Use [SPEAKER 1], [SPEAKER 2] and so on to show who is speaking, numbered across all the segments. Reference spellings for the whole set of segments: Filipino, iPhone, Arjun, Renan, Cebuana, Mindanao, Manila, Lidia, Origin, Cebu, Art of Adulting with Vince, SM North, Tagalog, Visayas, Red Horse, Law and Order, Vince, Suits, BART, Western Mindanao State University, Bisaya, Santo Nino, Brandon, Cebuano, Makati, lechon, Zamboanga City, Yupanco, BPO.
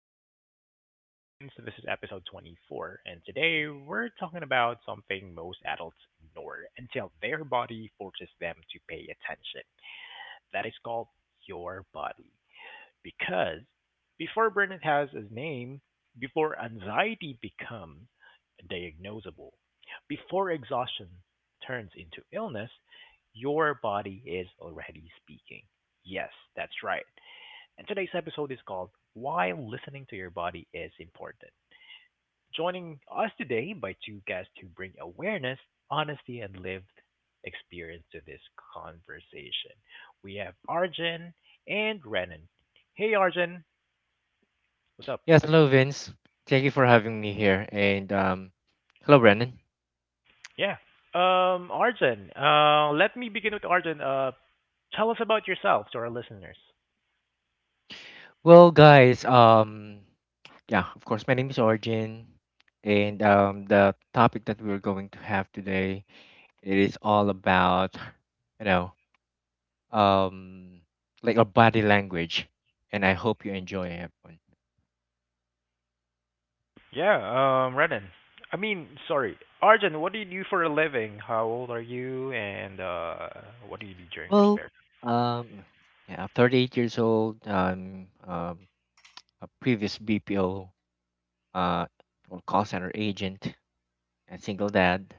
[SPEAKER 1] back to the Art of Adulting with Vince. This is episode 24, and today we're talking about something most adults ignore until their body forces them to pay attention. That is called your body. Because before burnout has a name, before anxiety becomes diagnosable, before exhaustion turns into illness, your body is already speaking. Yes, that's right, and today's episode is called Why Listening to Your Body is Important. Joining us today by two guests who bring awareness, honesty, and lived experience to this conversation. We have Arjun and Renan. Hey, Arjun, what's up?
[SPEAKER 2] Yes, hello Vince. Thank you for having me here. And hello Brandon.
[SPEAKER 1] Yeah. Arjun, let me begin with Arjun. Tell us about yourself to our listeners.
[SPEAKER 2] Well guys, yeah, of course my name is Origin. And the topic that we're going to have today, it is all about you know um like our body language, and I hope you enjoy it.
[SPEAKER 1] Yeah. Renan. I mean, sorry, Arjun. What do you do for a living? How old are you? And what do you do during your
[SPEAKER 2] Well,
[SPEAKER 1] spare
[SPEAKER 2] um yeah, I'm 38 years old. I'm a previous BPO uh or call center agent, a single dad.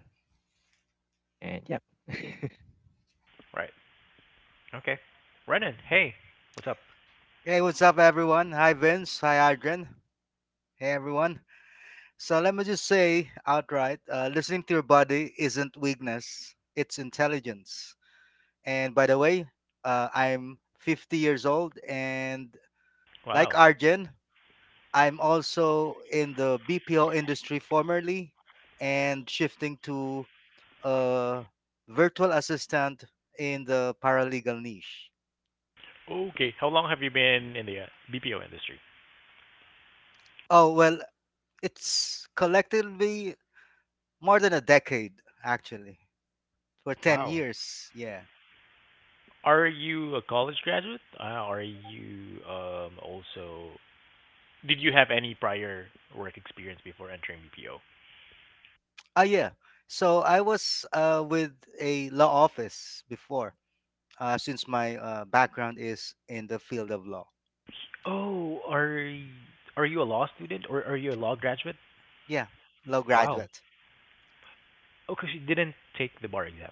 [SPEAKER 2] And yeah,
[SPEAKER 1] time? Right. Okay. Renan. Hey, what's up?
[SPEAKER 3] Hey, what's up, everyone? Hi, Vince. Hi, Adrian. Hey, everyone. So, let me just say outright, listening to your body isn't weakness, it's intelligence. And by the way, I'm 50 years old, and like
[SPEAKER 1] Wow.
[SPEAKER 3] Arjun, I'm also in the BPO industry formerly and shifting to a virtual assistant in the paralegal niche.
[SPEAKER 1] Okay. How long have you been in the BPO industry?
[SPEAKER 3] Oh, well, it's collectively more than a decade, actually, for 10
[SPEAKER 1] Wow.
[SPEAKER 3] years, yeah.
[SPEAKER 1] Are you a college graduate? Are you also? Did you have any prior work experience before entering BPO?
[SPEAKER 3] Ah, yeah, so I was with a law office before, since my background is in the field of law.
[SPEAKER 1] Oh, are you a law student or are you a law graduate?
[SPEAKER 3] Yeah, law
[SPEAKER 1] Wow.
[SPEAKER 3] graduate.
[SPEAKER 1] Oh, because you didn't take the bar exams.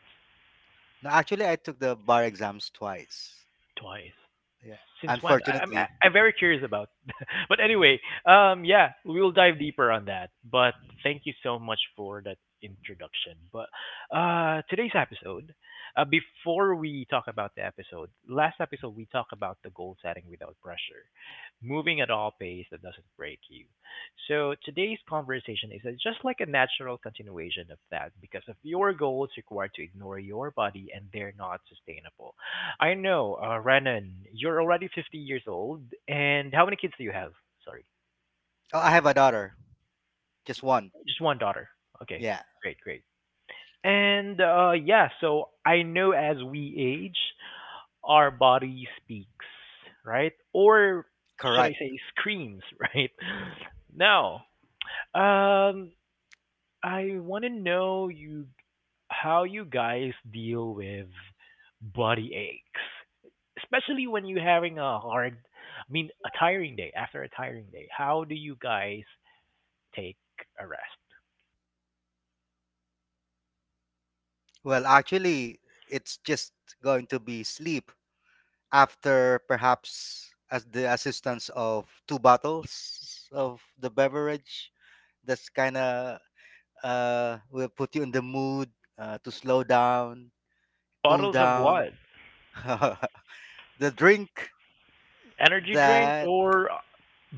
[SPEAKER 3] No, actually I took the bar exams twice.
[SPEAKER 1] Twice.
[SPEAKER 3] Yeah,
[SPEAKER 1] Since when?
[SPEAKER 3] unfortunately.
[SPEAKER 1] I'm very curious about. But anyway, yeah, we'll dive deeper on that. But thank you so much for that introduction. But today's episode, before we talk about the episode, last episode we talked about the goal setting without pressure, moving at all pace that doesn't break you. So today's conversation is just like a natural continuation of that because if your goals require to ignore your body and they're not sustainable. I know, Renan, you're already 50 years old, and how many kids do you have? Sorry,
[SPEAKER 3] Oh, I have a daughter, just one.
[SPEAKER 1] just one daughter. Okay,
[SPEAKER 3] Yeah.
[SPEAKER 1] great, great. And yeah, so I know as we age, our body speaks, right? Or should I
[SPEAKER 3] Correct.
[SPEAKER 1] say screams, right? Now, um, I want to know you how you guys deal with body aches, especially when you're having a hard, I mean, a tiring day after a tiring day. How do you guys take a rest?
[SPEAKER 3] Well, actually it's just going to be sleep after, perhaps as the assistance of two bottles of the beverage that's kind of, will put you in the mood, to slow down, cool
[SPEAKER 1] Bottles of
[SPEAKER 3] down.
[SPEAKER 1] what?
[SPEAKER 3] The drink.
[SPEAKER 1] Energy drink
[SPEAKER 3] That.
[SPEAKER 1] or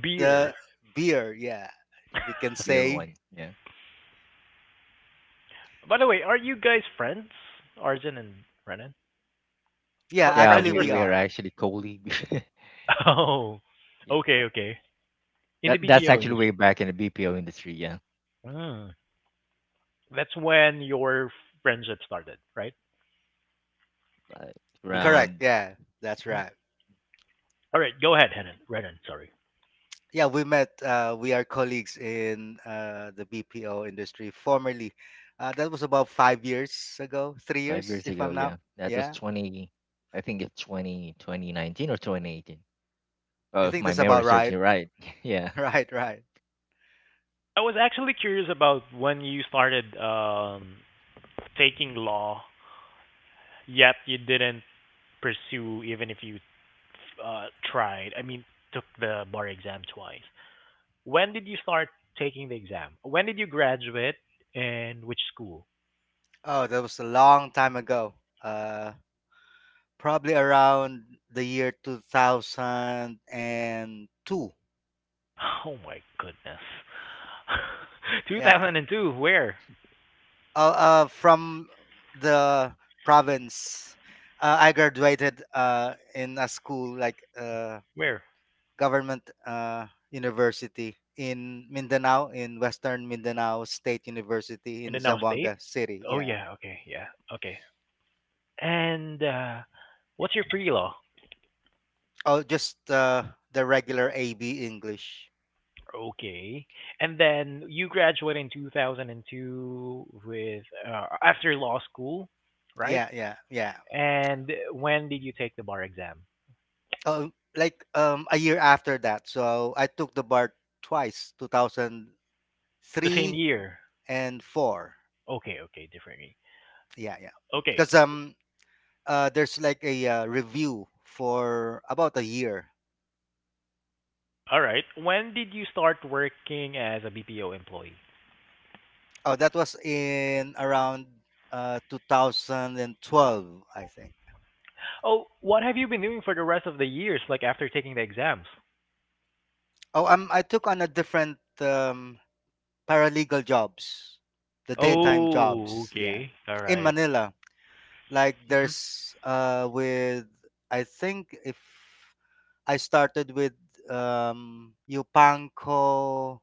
[SPEAKER 1] beer?
[SPEAKER 3] The beer, yeah, if we can
[SPEAKER 2] we're
[SPEAKER 3] say.
[SPEAKER 2] one. Yeah,
[SPEAKER 1] By the way, are you guys friends, Arjun and Renan?
[SPEAKER 3] Yeah,
[SPEAKER 2] yeah,
[SPEAKER 1] Friends
[SPEAKER 3] actually
[SPEAKER 2] we
[SPEAKER 3] we
[SPEAKER 2] we
[SPEAKER 1] personally?
[SPEAKER 2] are
[SPEAKER 3] are.
[SPEAKER 2] actually colleagues.
[SPEAKER 1] Oh,
[SPEAKER 2] Yeah,
[SPEAKER 1] okay, okay. In the
[SPEAKER 2] that's
[SPEAKER 1] BPO
[SPEAKER 2] actually way
[SPEAKER 1] industry.
[SPEAKER 2] back in the BPO industry. Yeah,
[SPEAKER 1] Mm. That's when your friendship started, right?
[SPEAKER 2] like
[SPEAKER 1] BPO.
[SPEAKER 3] Correct.
[SPEAKER 2] around
[SPEAKER 3] Yeah, that's right.
[SPEAKER 1] All right, go ahead, Henan. Renan, sorry.
[SPEAKER 3] Yeah, we met. We are colleagues in the BPO industry formerly. That was about 5 years ago, three
[SPEAKER 2] five
[SPEAKER 3] years,
[SPEAKER 2] years
[SPEAKER 3] if
[SPEAKER 2] ago.
[SPEAKER 3] I'm not.
[SPEAKER 2] Yeah, that was
[SPEAKER 3] Yeah,
[SPEAKER 2] 20. I think it's twenty twenty nineteen or 2018. Oh,
[SPEAKER 3] I
[SPEAKER 2] if
[SPEAKER 3] think
[SPEAKER 2] my
[SPEAKER 3] that's
[SPEAKER 2] memory
[SPEAKER 3] about
[SPEAKER 2] serves
[SPEAKER 3] right.
[SPEAKER 2] me right. Yeah,
[SPEAKER 3] Right, right.
[SPEAKER 1] I was actually curious about when you started taking law, yet you didn't pursue even if you uh, tried. I mean, took the bar exam twice. When did you start taking the exam? When did you graduate and which school?
[SPEAKER 3] Oh, that was a long time ago. Uh, Probably around the year 2002.
[SPEAKER 1] Oh my goodness.
[SPEAKER 3] Yeah.
[SPEAKER 1] 2002, where?
[SPEAKER 3] From the province, I graduated in a school like,
[SPEAKER 1] Where?
[SPEAKER 3] government university in Mindanao, in Western Mindanao State University
[SPEAKER 1] In
[SPEAKER 3] in
[SPEAKER 1] the now state?
[SPEAKER 3] Zamboanga City.
[SPEAKER 1] Oh
[SPEAKER 3] Yeah.
[SPEAKER 1] yeah, okay, yeah, okay. And what's your pre-law?
[SPEAKER 3] Oh, just the regular AB English.
[SPEAKER 1] Okay. And then you graduated in 2002 with after law school, right?
[SPEAKER 3] Yeah, yeah, yeah.
[SPEAKER 1] And when did you take the bar exam?
[SPEAKER 3] Oh, like, a year after that. So I took the BART twice, 2003
[SPEAKER 1] The same year.
[SPEAKER 3] and 4.
[SPEAKER 1] Okay, okay, differently.
[SPEAKER 3] Yeah, yeah.
[SPEAKER 1] Okay.
[SPEAKER 3] Because, there's like a review for about a year.
[SPEAKER 1] All right. When did you start working as a BPO employee?
[SPEAKER 3] Oh, that was in around, 2012, I think.
[SPEAKER 1] Oh, what have you been doing for the rest of the years like after taking the exams?
[SPEAKER 3] Oh, I took on a different, paralegal jobs, the daytime
[SPEAKER 1] Oh,
[SPEAKER 3] jobs, yeah,
[SPEAKER 1] okay. All
[SPEAKER 3] in
[SPEAKER 1] right.
[SPEAKER 3] Manila. Like
[SPEAKER 1] Mhm.
[SPEAKER 3] there's, with, I think, if I started with, Yupanco,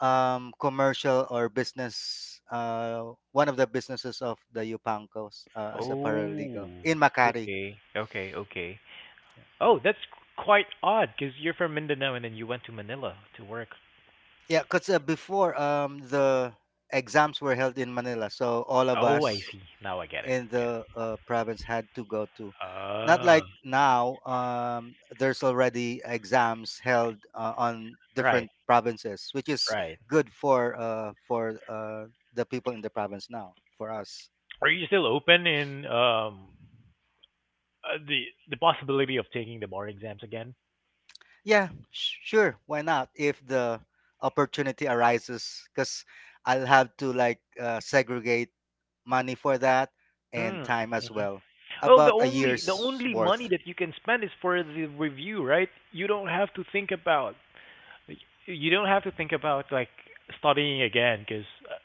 [SPEAKER 3] commercial or business, one of the businesses of the Yupancos, as a
[SPEAKER 1] Oh,
[SPEAKER 3] paralegal in Makati.
[SPEAKER 1] okay. Okay, okay.
[SPEAKER 3] Yeah.
[SPEAKER 1] Oh, that's quite odd because you're from Mindanao and then you went to Manila to work.
[SPEAKER 3] Yeah, because before, the exams were held in Manila, so all of
[SPEAKER 1] Oh, I
[SPEAKER 3] us
[SPEAKER 1] see. Now I get it.
[SPEAKER 3] in
[SPEAKER 1] Yeah.
[SPEAKER 3] the province had to go to. Not
[SPEAKER 1] Oh,
[SPEAKER 3] like now, there's already exams held on different
[SPEAKER 1] right,
[SPEAKER 3] provinces, which is
[SPEAKER 1] right.
[SPEAKER 3] good for, the people in the province now. For us,
[SPEAKER 1] Are you still open in uh, the the possibility of taking the bar exams again?
[SPEAKER 3] yeah, sure, why not? If the opportunity arises, because I'll have to like, segregate money for that, and
[SPEAKER 1] Mm,
[SPEAKER 3] time as
[SPEAKER 1] mhm.
[SPEAKER 3] well.
[SPEAKER 1] Well, the
[SPEAKER 3] About a
[SPEAKER 1] only the
[SPEAKER 3] year's
[SPEAKER 1] only money
[SPEAKER 3] worth.
[SPEAKER 1] that you can spend is for the review, right? You don't have to think about you don't have to think about, like, studying again because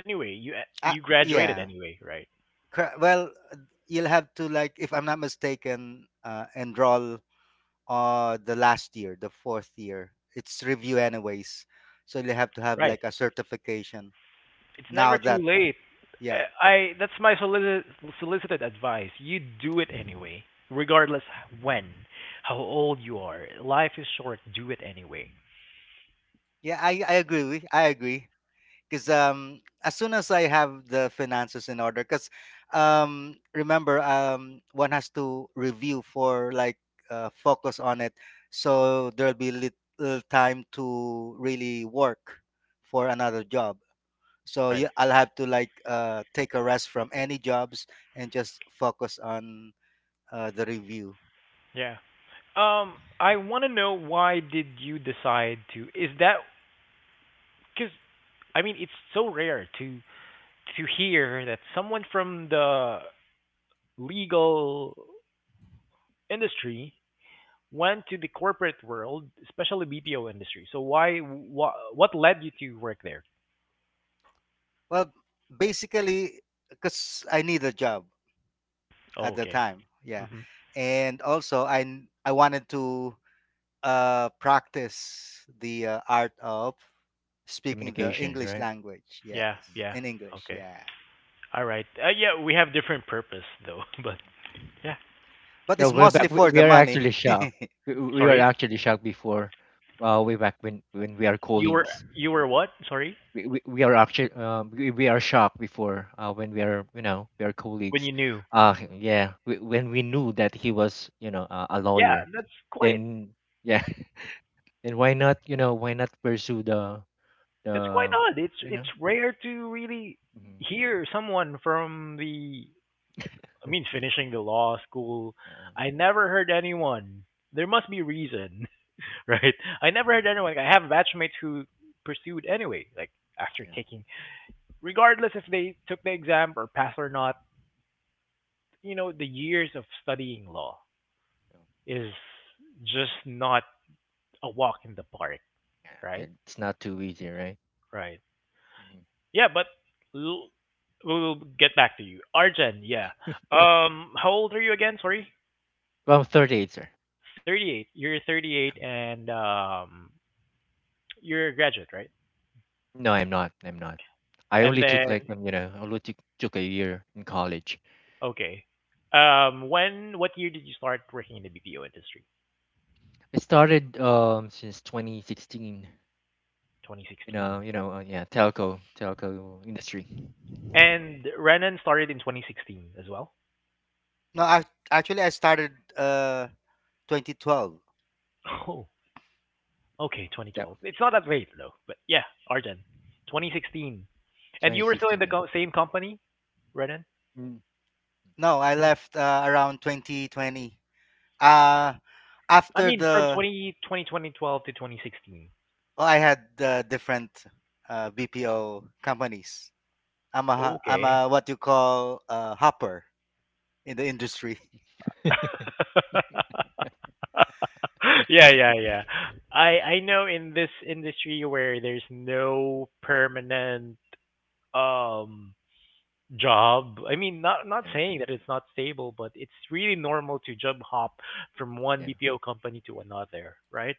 [SPEAKER 1] anyway, you
[SPEAKER 3] Ah,
[SPEAKER 1] you graduated
[SPEAKER 3] yeah.
[SPEAKER 1] anyway, right?
[SPEAKER 3] Well, you'll have to like, if I'm not mistaken, enroll the last year, the fourth year. It's review anyways, so you have to have
[SPEAKER 1] Right.
[SPEAKER 3] like a certification.
[SPEAKER 1] It's never
[SPEAKER 3] Now
[SPEAKER 1] too
[SPEAKER 3] that,
[SPEAKER 1] late.
[SPEAKER 3] yeah,
[SPEAKER 1] I That's my solicited advice. You do it anyway, regardless when, how old you are. Life is short. Do it anyway.
[SPEAKER 3] yeah, I agree. I agree. Because, as soon as I have the finances in order, because, remember, one has to review for like, focus on it, so there'll be little time to really work for another job. So
[SPEAKER 1] Right.
[SPEAKER 3] yeah, I'll have to like, take a rest from any jobs and just focus on the review.
[SPEAKER 1] Yeah. Um, I want to know why did you decide to? Is that because I mean it's so rare to hear that someone from the legal industry went to the corporate world, especially BPO industry. So why what led you to work there?
[SPEAKER 3] Well, basically, because I need a job
[SPEAKER 1] Oh,
[SPEAKER 3] at the
[SPEAKER 1] okay.
[SPEAKER 3] time, yeah,
[SPEAKER 1] Mhm.
[SPEAKER 3] and also, I wanted to practice the art of speaking the
[SPEAKER 2] communication,
[SPEAKER 3] English
[SPEAKER 2] right?
[SPEAKER 3] language. Yes,
[SPEAKER 1] Yeah,
[SPEAKER 2] Mm.
[SPEAKER 1] yeah.
[SPEAKER 3] in English.
[SPEAKER 1] Okay.
[SPEAKER 3] Yeah,
[SPEAKER 1] All right. Yeah, we have different purpose though, but yeah.
[SPEAKER 3] but
[SPEAKER 2] So
[SPEAKER 1] Uh,
[SPEAKER 3] it's
[SPEAKER 2] way
[SPEAKER 3] mostly
[SPEAKER 2] back, we,
[SPEAKER 3] for
[SPEAKER 2] we
[SPEAKER 3] the
[SPEAKER 2] are
[SPEAKER 3] money.
[SPEAKER 2] actually shocked. We were
[SPEAKER 1] Sorry.
[SPEAKER 2] actually shocked before, way back when we are
[SPEAKER 1] You were
[SPEAKER 2] colleagues.
[SPEAKER 1] you were what? Sorry?
[SPEAKER 2] We are actually we are shocked before, when we are, we are
[SPEAKER 1] When
[SPEAKER 2] colleagues,
[SPEAKER 1] you knew.
[SPEAKER 2] yeah, when we knew that he was, a
[SPEAKER 1] Yeah,
[SPEAKER 2] lawyer,
[SPEAKER 1] that's quite
[SPEAKER 2] then, yeah. Then why not, why not pursue the
[SPEAKER 1] that's quite
[SPEAKER 2] the
[SPEAKER 1] odd. It's
[SPEAKER 2] you know
[SPEAKER 1] it's rare to really
[SPEAKER 2] Mhm.
[SPEAKER 1] hear someone from the I mean finishing the law school.
[SPEAKER 2] Yeah.
[SPEAKER 1] I never heard anyone. There must be reason, right? I never heard
[SPEAKER 2] Mhm.
[SPEAKER 1] anyone. I have batchmates who pursued anyway, like after
[SPEAKER 2] Yeah.
[SPEAKER 1] taking regardless if they took the exam or passed or not, the years of studying law
[SPEAKER 2] so,
[SPEAKER 1] is
[SPEAKER 2] mm.
[SPEAKER 1] just not a walk in the park,
[SPEAKER 2] Yeah,
[SPEAKER 1] right?
[SPEAKER 2] it's not too easy, right?
[SPEAKER 1] Right.
[SPEAKER 2] Mhm.
[SPEAKER 1] Yeah, but l- we'll get back to you. Arjan, yeah. How old are you again? Sorry?
[SPEAKER 2] Well, I'm 38, sir.
[SPEAKER 1] 38. You're 38 and you're a graduate, right?
[SPEAKER 2] No, I'm not. I
[SPEAKER 1] And
[SPEAKER 2] only took,
[SPEAKER 1] then,
[SPEAKER 2] like, I only took a year in college.
[SPEAKER 1] okay.
[SPEAKER 2] Yeah.
[SPEAKER 1] What year did you start working in the BPO industry?
[SPEAKER 2] I started, since 2016.
[SPEAKER 1] 2016.
[SPEAKER 2] Yeah, telco industry.
[SPEAKER 1] And Renan started in 2016 as well?
[SPEAKER 3] No, actually, I started 2012.
[SPEAKER 1] Oh, okay,
[SPEAKER 2] That
[SPEAKER 1] 2012. It's not that late though, but yeah, Arden, 2016. And you were still in
[SPEAKER 2] 2016,
[SPEAKER 1] the
[SPEAKER 2] yeah.
[SPEAKER 1] same company, Renan?
[SPEAKER 2] Mm.
[SPEAKER 3] No, I
[SPEAKER 1] 20,
[SPEAKER 3] left around 2020. Uh
[SPEAKER 1] I
[SPEAKER 3] After
[SPEAKER 1] mean, from
[SPEAKER 3] the,
[SPEAKER 1] 20, 20, 2012 to 2016.
[SPEAKER 3] well, I had the different, BPO companies. I'm
[SPEAKER 1] Okay.
[SPEAKER 3] a what you call a hopper in the industry.
[SPEAKER 1] Yeah, yeah, yeah. I know in this industry where there's no permanent um job. I mean, not
[SPEAKER 2] Yeah,
[SPEAKER 1] saying that it's not stable, but it's really normal to job hop from one
[SPEAKER 2] yeah,
[SPEAKER 1] BPO company to another, right?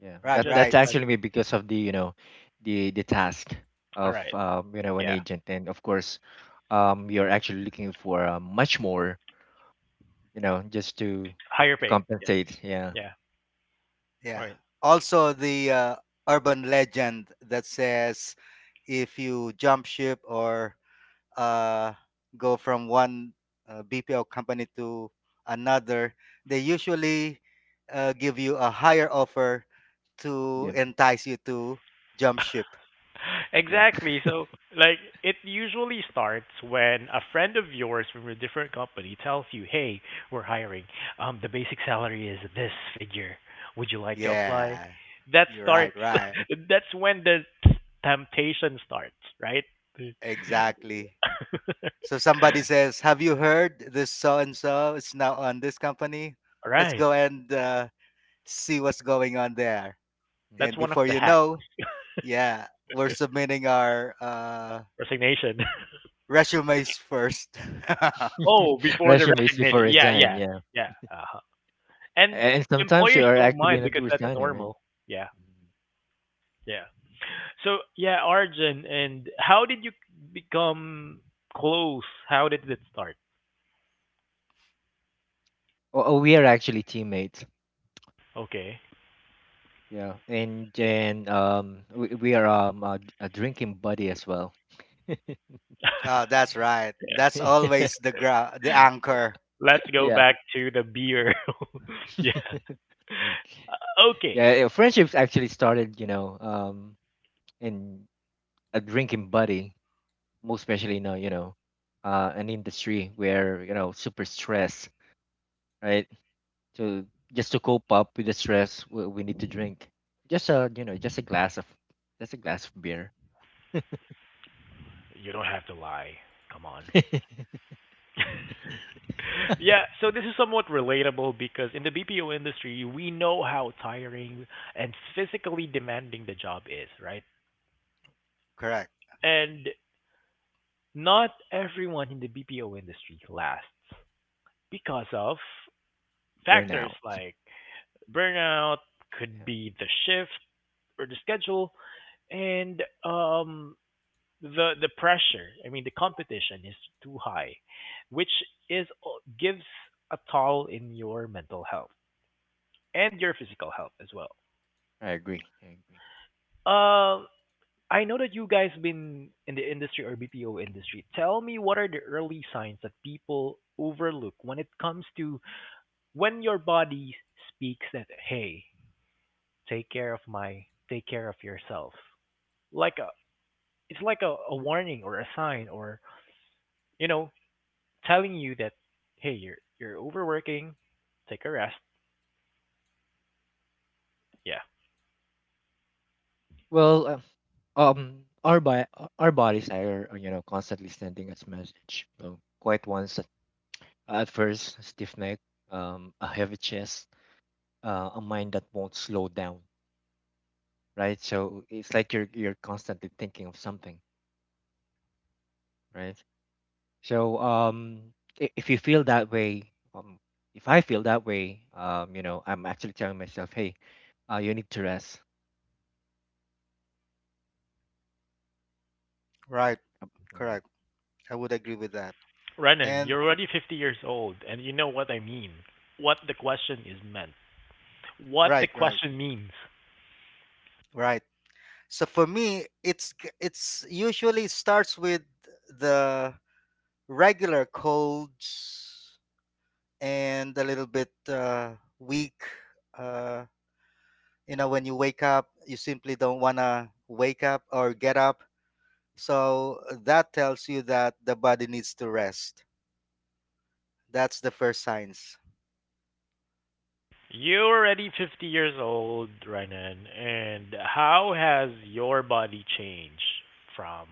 [SPEAKER 2] yeah. That
[SPEAKER 3] Right,
[SPEAKER 1] Just
[SPEAKER 2] that's actually
[SPEAKER 3] right.
[SPEAKER 1] defensive.
[SPEAKER 2] me because of the, the task
[SPEAKER 1] All
[SPEAKER 2] of,
[SPEAKER 1] right.
[SPEAKER 2] an
[SPEAKER 1] Yeah.
[SPEAKER 2] agent. And of course, you're actually looking for, much more, just to
[SPEAKER 1] Higher
[SPEAKER 2] to
[SPEAKER 1] pay. Yeah.
[SPEAKER 2] compensate. Yeah,
[SPEAKER 1] Yeah.
[SPEAKER 3] Yeah.
[SPEAKER 1] Right.
[SPEAKER 3] Also, the urban legend that says if you jump ship or, uh, go from one, BPO company to another, they usually give you a higher offer to
[SPEAKER 2] yeah,
[SPEAKER 3] entice you to jump ship.
[SPEAKER 2] yeah.
[SPEAKER 1] Exactly. So, like, it usually starts when a friend of yours from a different company tells you, "Hey, we're hiring. The basic salary is this figure. Would you like to apply?"
[SPEAKER 3] Yeah.
[SPEAKER 1] That
[SPEAKER 3] You're right,
[SPEAKER 1] starts.
[SPEAKER 3] right.
[SPEAKER 1] That's when the temptation starts, right?
[SPEAKER 3] Exactly.
[SPEAKER 2] Yeah.
[SPEAKER 3] So somebody
[SPEAKER 2] Yeah.
[SPEAKER 3] says, "Have you heard this so and so is now on this company?
[SPEAKER 1] All
[SPEAKER 3] Let's
[SPEAKER 1] right.
[SPEAKER 3] go and, see what's going on there."
[SPEAKER 1] That's
[SPEAKER 3] And
[SPEAKER 1] one of
[SPEAKER 3] before
[SPEAKER 1] the
[SPEAKER 3] you
[SPEAKER 1] hacks.
[SPEAKER 3] know, yeah, we're submitting our,
[SPEAKER 1] Resignation.
[SPEAKER 3] resumes first.
[SPEAKER 2] Mm.
[SPEAKER 1] Oh, before the
[SPEAKER 2] Resumes before
[SPEAKER 1] resignation. Yeah,
[SPEAKER 2] resign.
[SPEAKER 1] yeah,
[SPEAKER 2] Yeah.
[SPEAKER 1] yeah. And
[SPEAKER 2] And sometimes you
[SPEAKER 1] employers
[SPEAKER 2] are
[SPEAKER 1] don't
[SPEAKER 2] actually
[SPEAKER 1] mind
[SPEAKER 2] not
[SPEAKER 1] because that's
[SPEAKER 2] resigning, right?
[SPEAKER 1] normal. Yeah.
[SPEAKER 2] Mhm.
[SPEAKER 1] Yeah. So, yeah, Arjun, and how did you become close? How did it start?
[SPEAKER 2] Oh, we are actually teammates.
[SPEAKER 1] Okay.
[SPEAKER 2] Yeah. And then, we are a drinking buddy as well. Yeah.
[SPEAKER 3] Oh, that's right.
[SPEAKER 1] Yeah.
[SPEAKER 3] That's always the anchor.
[SPEAKER 1] Let's go
[SPEAKER 2] Yeah,
[SPEAKER 1] back to the beer. Yeah. Okay.
[SPEAKER 2] yeah. Yeah. Friendships actually started, in a drinking buddy, most especially now, an industry where, super stress, right? So just to cope up with the stress, we need to drink. Just a, just a glass of, just a glass of beer.
[SPEAKER 1] You don't have to lie. Come on. Yeah, so this is somewhat relatable because in the BPO industry, we know how tiring and physically demanding the job is, right?
[SPEAKER 3] Correct.
[SPEAKER 1] And not everyone in the BPO industry lasts. Because of factors
[SPEAKER 2] Burnout.
[SPEAKER 1] like burnout, could
[SPEAKER 2] Yeah,
[SPEAKER 1] be the shift or the schedule, and the pressure. I mean, the competition is too high, which is gives a toll in your mental health and your physical health as well.
[SPEAKER 2] I agree. I agree.
[SPEAKER 1] Um, I know that you guys been in the industry or BPO industry. Tell me, what are the early signs that people overlook when it comes to, when your body speaks that, hey, take care of yourself, like a it's like a warning or a sign, or you know telling you that hey, you're overworking, take a rest, yeah.
[SPEAKER 2] Well, our bodies are, constantly sending us message. So quite once at first, a stiff neck, a heavy chest, a mind that won't slow down, right? So it's like you're constantly thinking of something, right? So, if you feel that way, if I feel that way, I'm actually telling myself, hey, you need to rest.
[SPEAKER 3] Right. Correct. I would agree with that.
[SPEAKER 1] Renan,
[SPEAKER 3] And
[SPEAKER 1] you're already 50 years old, and you know what I mean. what the question is meant what the
[SPEAKER 3] right, right,
[SPEAKER 1] question means.
[SPEAKER 3] right. So for me, it's usually starts with the regular colds and a little bit, weak. uh, you know, when you wake up you simply don't want to wake up or get up, so, that tells you that the body needs to rest. That's the first signs.
[SPEAKER 1] You're already 50 years old, Renan, and how has your body changed from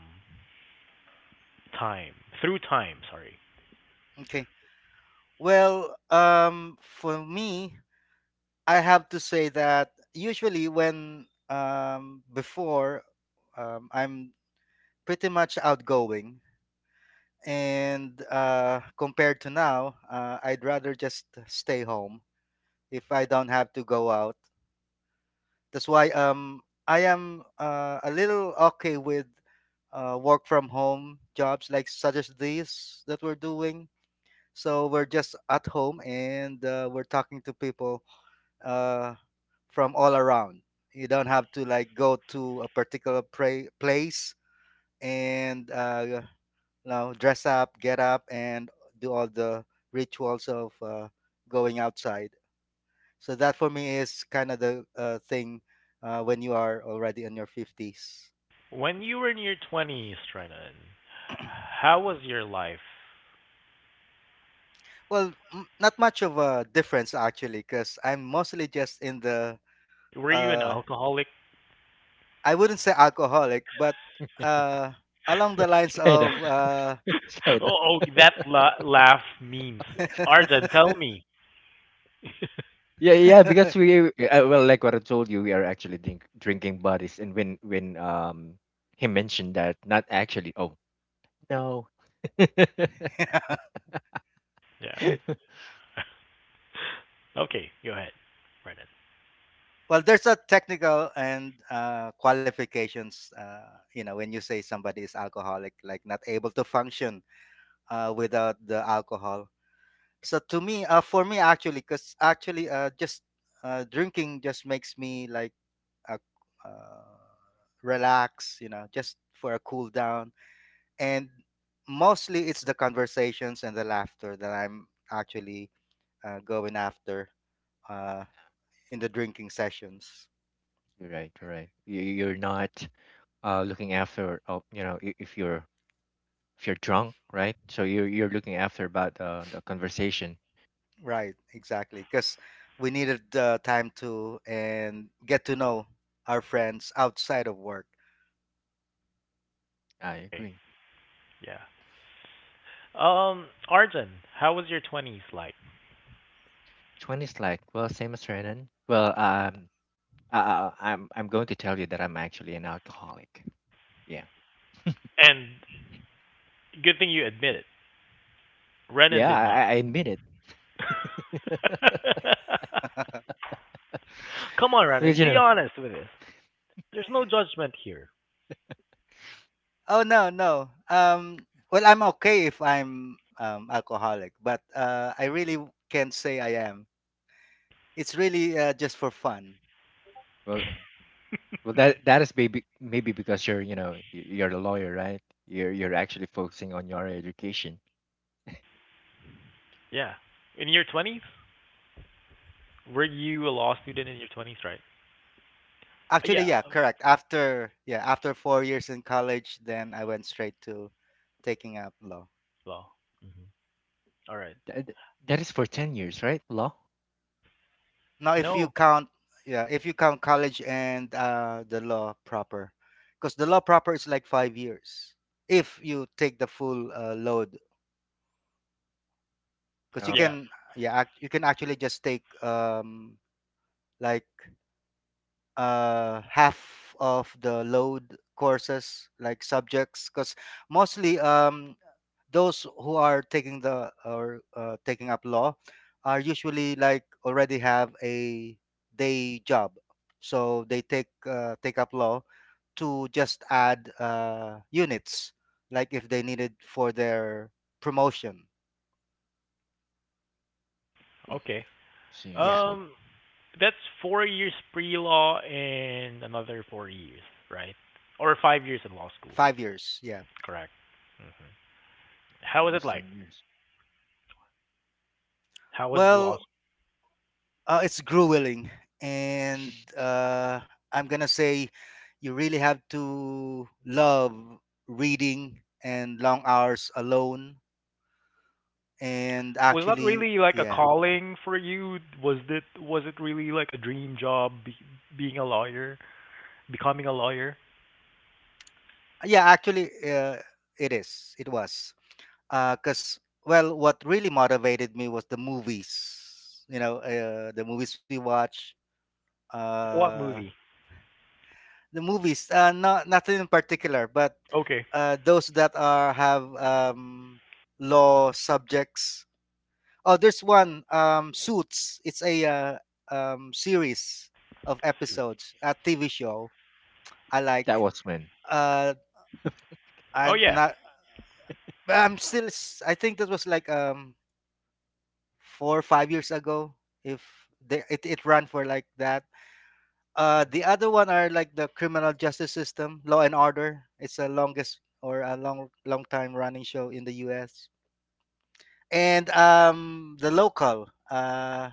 [SPEAKER 1] time through time? Sorry.
[SPEAKER 3] Okay, well, for me, I have to say that usually when, before, I'm pretty much outgoing, and compared to now, I'd rather just stay home if I don't have to go out. That's why, I am, a little okay with, work from home jobs like such as these that we're doing. So we're just at home and, we're talking to people, uh, from all around. You don't have to like go to a particular, place, and, you know, dress up, get up, and do all the rituals of, going outside. So that for me is kind of the, thing, when you are already in your 50s.
[SPEAKER 1] When you were in your 20s, Renan, how was your life?
[SPEAKER 3] Well, not much of a difference actually, because I'm mostly just in the—
[SPEAKER 1] Were you an
[SPEAKER 3] uh,
[SPEAKER 1] alcoholic?
[SPEAKER 3] I wouldn't say alcoholic, but, uh, along the lines
[SPEAKER 2] Kind of,
[SPEAKER 3] of,
[SPEAKER 2] kind of.
[SPEAKER 1] Oh, oh that laugh means. Arjun, tell me.
[SPEAKER 2] Yeah, yeah, because we, well, like what I told you, we are actually drinking buddies, and when, he mentioned that, not actually. Oh, no.
[SPEAKER 3] yeah.
[SPEAKER 1] Yeah. Okay, go ahead, Renan.
[SPEAKER 3] Well, there's a technical and, qualifications. You know, when you say somebody is alcoholic, like not able to function, without the alcohol. So to me, for me actually, because actually, just drinking just makes me like, uh, uh, relax, you know, just for a cool down. And mostly, it's the conversations and the laughter that I'm actually, going after, uh, in the drinking sessions.
[SPEAKER 2] You're right, you're right. You're not, looking after. Oh, if you're, drunk, right? So you're looking after about, the conversation.
[SPEAKER 3] Right, exactly, because we needed the time to and get to know our friends outside of work.
[SPEAKER 2] I
[SPEAKER 1] Okay.
[SPEAKER 2] agree.
[SPEAKER 1] Yeah. Arjun, how was your 20s like?
[SPEAKER 2] Twenties, like, well, same as Renan. Well, I, I'm going to tell you that I'm actually an alcoholic. Yeah,
[SPEAKER 1] And good thing you admit it. Renan
[SPEAKER 2] yeah,
[SPEAKER 1] did
[SPEAKER 2] I,
[SPEAKER 1] not.
[SPEAKER 2] I I admit it.
[SPEAKER 1] Come on,
[SPEAKER 2] Because
[SPEAKER 1] Renan,
[SPEAKER 2] you
[SPEAKER 1] be
[SPEAKER 2] know.
[SPEAKER 1] honest with us. There's no judgment here.
[SPEAKER 3] Oh, no, no. Well, I'm okay if I'm, alcoholic, but, I really, can't say I am. It's really, just for fun.
[SPEAKER 2] Well, that is maybe because you're, you're a lawyer, right? You're actually focusing on your education.
[SPEAKER 1] Yeah. In your 20s? Were you a law student in your 20s, right?
[SPEAKER 3] Actually,
[SPEAKER 1] Yeah.
[SPEAKER 3] yeah, correct. After Yeah, after 4 years in college, then I went straight to taking up law.
[SPEAKER 1] Well. Mhm. All right.
[SPEAKER 2] That that is for 10 years, right? Law.
[SPEAKER 3] Now, if you
[SPEAKER 1] No.
[SPEAKER 3] count, yeah, if you count college and, the law proper, because the law proper is like 5 years if you take the full, load, because you
[SPEAKER 2] Oh,
[SPEAKER 1] Yeah.
[SPEAKER 3] can— Yeah, you can actually just take, like, half of the load courses like subjects because mostly, those who are taking the, or taking up law are usually like already have a day job, so they, take up law to just add, units like if they needed for their promotion.
[SPEAKER 2] mm,
[SPEAKER 1] Okay.
[SPEAKER 2] see, I
[SPEAKER 3] Yeah,
[SPEAKER 2] see.
[SPEAKER 1] Um, that's 4 years pre-law and another 4 years, right? Or 5 years in law school.
[SPEAKER 3] 5 years, yeah.
[SPEAKER 1] Correct. Hmm.
[SPEAKER 2] Yeah,
[SPEAKER 1] How was it
[SPEAKER 2] almost
[SPEAKER 1] like?
[SPEAKER 2] 10 years.
[SPEAKER 1] How was the law?
[SPEAKER 3] Well, it's grueling, and, I'm gonna say you really have to love reading and long hours alone. And
[SPEAKER 1] Was that
[SPEAKER 3] actually,
[SPEAKER 1] really like a
[SPEAKER 3] yeah,
[SPEAKER 1] calling for you? Was it really like a dream job, being a lawyer, becoming a lawyer?
[SPEAKER 3] yeah, actually, it is. It was because, well, what really motivated me was the movies. You know, the movies we watch.
[SPEAKER 1] What
[SPEAKER 3] Uh,
[SPEAKER 1] movie?
[SPEAKER 3] The movies, not nothing in particular, but,
[SPEAKER 1] Okay.
[SPEAKER 3] those that are have, law subjects. Oh, there's one, Suits. It's a, series of episodes, a TV show. I
[SPEAKER 2] That
[SPEAKER 3] like.
[SPEAKER 2] was when.
[SPEAKER 3] Uh,
[SPEAKER 1] Oh
[SPEAKER 3] I'm
[SPEAKER 1] yeah.
[SPEAKER 3] not. I'm still. I think that was like, 4 or 5 years ago. If they, it ran for like that.
[SPEAKER 2] Mhm.
[SPEAKER 3] The other one are like the criminal justice system, Law and Order. It's the longest or a long, long time running show in the U.S. And, the local,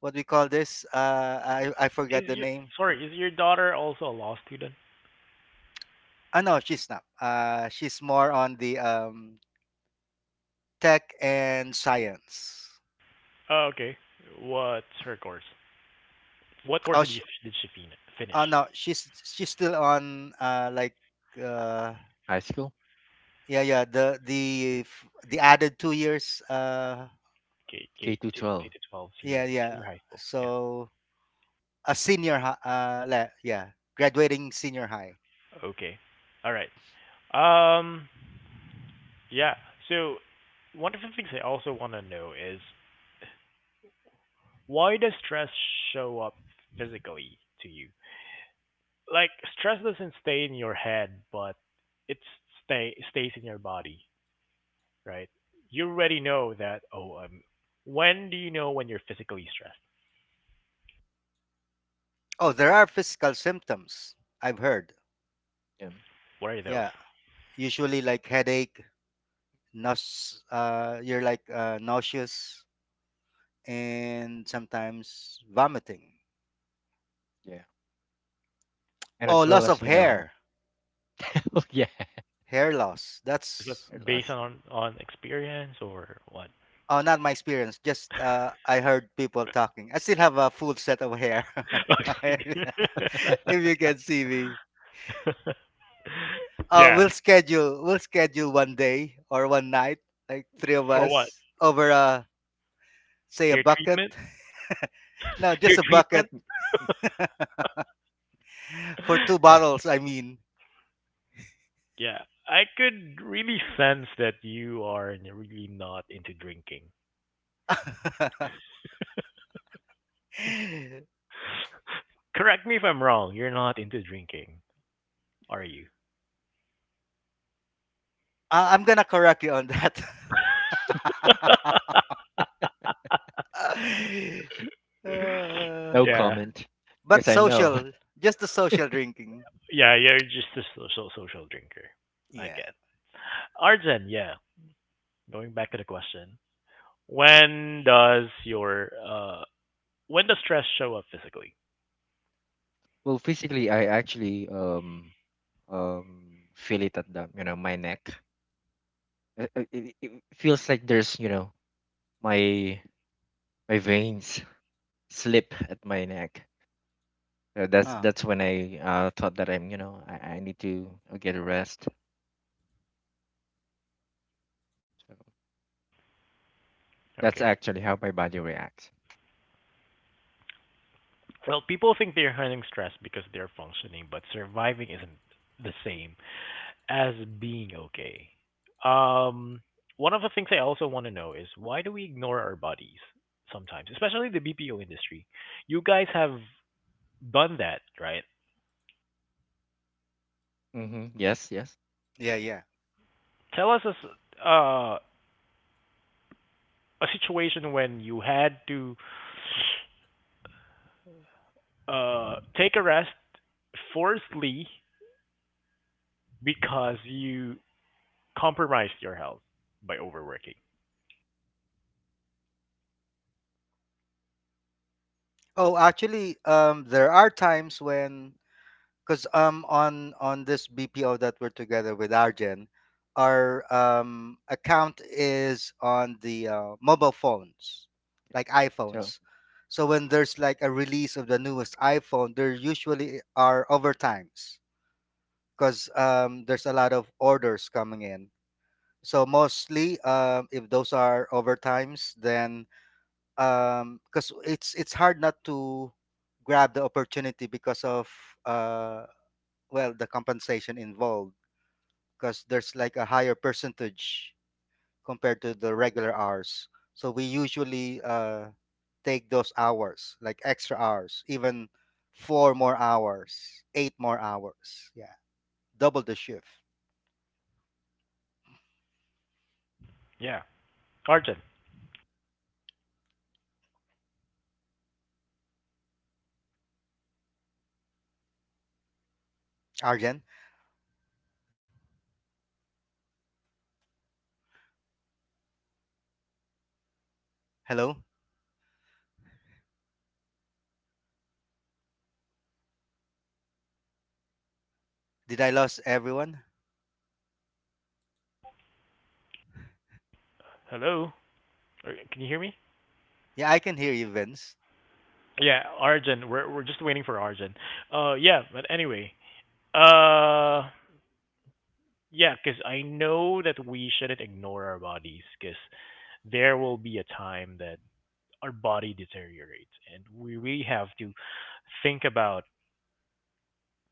[SPEAKER 3] what we call this, I forgot
[SPEAKER 1] Is
[SPEAKER 3] the
[SPEAKER 1] your
[SPEAKER 3] name.
[SPEAKER 1] Sorry? Is your daughter also a law student?
[SPEAKER 3] Ah, no, she's not. She's more on the, tech and science.
[SPEAKER 1] Oh, okay. What's her course? What course
[SPEAKER 3] Oh,
[SPEAKER 1] did she finish?
[SPEAKER 3] oh, no, she's still on, like, uh
[SPEAKER 2] High school,
[SPEAKER 3] yeah, yeah, the added 2 years,
[SPEAKER 1] K
[SPEAKER 2] K
[SPEAKER 1] K
[SPEAKER 2] to
[SPEAKER 1] K
[SPEAKER 2] 12.
[SPEAKER 1] to 12
[SPEAKER 3] yeah,
[SPEAKER 1] senior
[SPEAKER 3] yeah,
[SPEAKER 1] senior high school. Yeah.
[SPEAKER 3] so a senior high, yeah, graduating senior high.
[SPEAKER 1] Okay. All right. Um. Yeah. So one of the things I also want to know is why does stress show up physically to you? Like stress doesn't stay in your head, but it stays in your body, right? You already know that. Oh, I'm. When do you know when you're physically stressed?
[SPEAKER 3] Oh, there are physical symptoms I've heard.
[SPEAKER 2] Yeah,
[SPEAKER 1] What are those?
[SPEAKER 3] Yeah, usually like headache, you're like, nauseous, and sometimes vomiting.
[SPEAKER 2] yeah, and
[SPEAKER 3] Oh,
[SPEAKER 2] as well
[SPEAKER 3] loss
[SPEAKER 2] as,
[SPEAKER 3] of hair,
[SPEAKER 2] oh,
[SPEAKER 3] hair loss.
[SPEAKER 1] Is
[SPEAKER 3] That's
[SPEAKER 1] that
[SPEAKER 2] yeah.
[SPEAKER 1] based on experience or what?
[SPEAKER 3] Oh, not my experience. Just, I heard people talking. I still have a full set of hair.
[SPEAKER 1] Okay.
[SPEAKER 3] If you can see me.
[SPEAKER 1] Yeah.
[SPEAKER 3] We'll schedule one day or one night, like three of
[SPEAKER 1] For what?
[SPEAKER 3] us over a— say, a
[SPEAKER 1] Hair
[SPEAKER 3] bucket.
[SPEAKER 1] treatment?
[SPEAKER 3] No, just
[SPEAKER 1] Hair
[SPEAKER 3] a bucket
[SPEAKER 1] treatment?
[SPEAKER 3] for two
[SPEAKER 1] Yeah.
[SPEAKER 3] bottles. I mean,
[SPEAKER 1] Yeah. I could really sense that you are really not into drinking.
[SPEAKER 3] uh,
[SPEAKER 1] Correct me if I'm wrong. You're not into drinking, are you?
[SPEAKER 3] I'm gonna correct you on that. Uh,
[SPEAKER 2] No
[SPEAKER 1] Yeah.
[SPEAKER 2] comment,
[SPEAKER 3] but
[SPEAKER 2] because I know.
[SPEAKER 3] social, just the social drinking.
[SPEAKER 1] Yeah, you're just a social drinker. I
[SPEAKER 3] Yeah.
[SPEAKER 1] get. Arjun, yeah. Going back to the question. When does your when does stress show up physically?
[SPEAKER 2] Well, physically, I actually feel it at the, my neck. It feels like there's, my my veins slip at my neck. So that's
[SPEAKER 3] Huh.
[SPEAKER 2] that's when I, thought that I'm, I need to, get a rest. So that's
[SPEAKER 1] Okay.
[SPEAKER 2] actually how my body reacts.
[SPEAKER 1] Well, people think they're handling stress because they're functioning, but surviving isn't the same as being okay. Um, One of the things I also want to know is why do we ignore our bodies sometimes, especially the BPO industry? You guys have done that, right?
[SPEAKER 2] Mm-hmm. Yes, yes.
[SPEAKER 3] Yeah, yeah.
[SPEAKER 1] Tell us a situation when you had to take a rest forcedly because you compromised your health by overworking.
[SPEAKER 3] Oh, actually, there are times when, because, on this BPO that we're together with Arjen, our, account is on the, mobile phones, like
[SPEAKER 2] So
[SPEAKER 3] iPhones. So when there's like a release of the newest iPhone, there usually are overtimes because, there's a lot of orders coming in. So mostly, if those are overtimes, then because it's hard not to grab the opportunity because of uh, well, the compensation involved, because there's like a higher percentage compared to the regular hours. So we usually take those hours, like extra hours, even four more hours, eight more hours, yeah, double the shift.
[SPEAKER 1] Yeah, Arjun.
[SPEAKER 3] Arjen, hello, did I lose everyone?
[SPEAKER 1] Hello? Or- Can you hear me?
[SPEAKER 3] Yeah, I can hear you, Vince.
[SPEAKER 1] Yeah, Arjun. We're just waiting for Arjun. Yeah. But anyway, uh, yeah, because I know that we shouldn't ignore our bodies, because there will be a time that our body deteriorates, and we really have to think about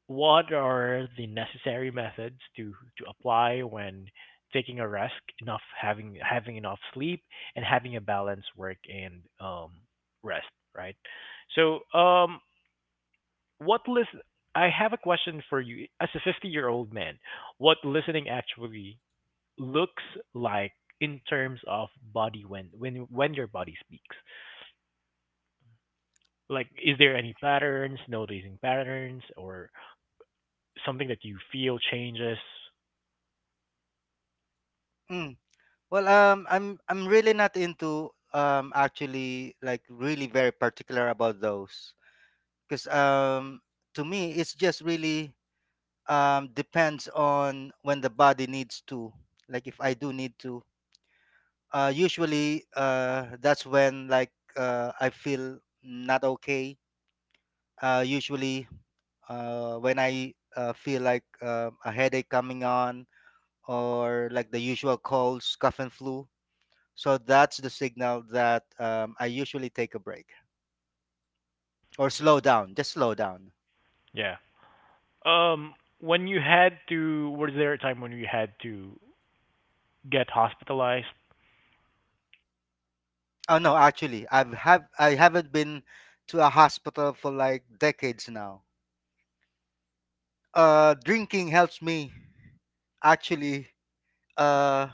[SPEAKER 1] what are the necessary methods to apply when taking a rest, enough having enough sleep, and having a balanced work and rest, right? So, What listen? I have a question for you. As a 50-year-old year old man, what listening actually looks like in terms of body when when your body speaks. Like, is there any patterns, noticing patterns, or something that you feel changes?
[SPEAKER 3] Mm. Well, um, I'm really not into actually, like, really very particular about those, because to me it's just really depends on when the body needs to. Like if I do need to, usually that's when, like, I feel not okay. Usually when I feel like a headache coming on, or like the usual colds, cough and flu. So that's the signal that I usually take a break or slow down. Just slow down.
[SPEAKER 1] Yeah. Um, when you had to, was there a time when you had to get hospitalized?
[SPEAKER 3] Oh no, actually, I haven't been to a hospital for like decades now. Drinking helps me, actually, uh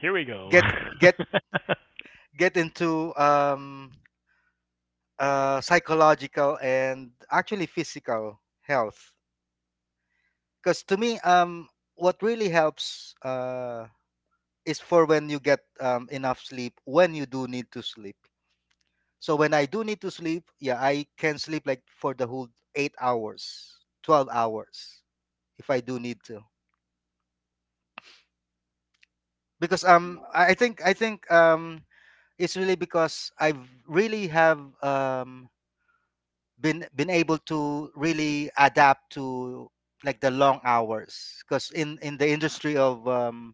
[SPEAKER 1] Here we go.
[SPEAKER 3] get get get into psychological and actually physical health, because to me, what really helps is, for when you get enough sleep, when you do need to sleep. So when I do need to sleep, yeah, I can sleep like for the whole 8 hours, 12 hours, if I do need to, because I think, um, it's really because I've really have been able to really adapt to like the long hours, because in the industry of, um,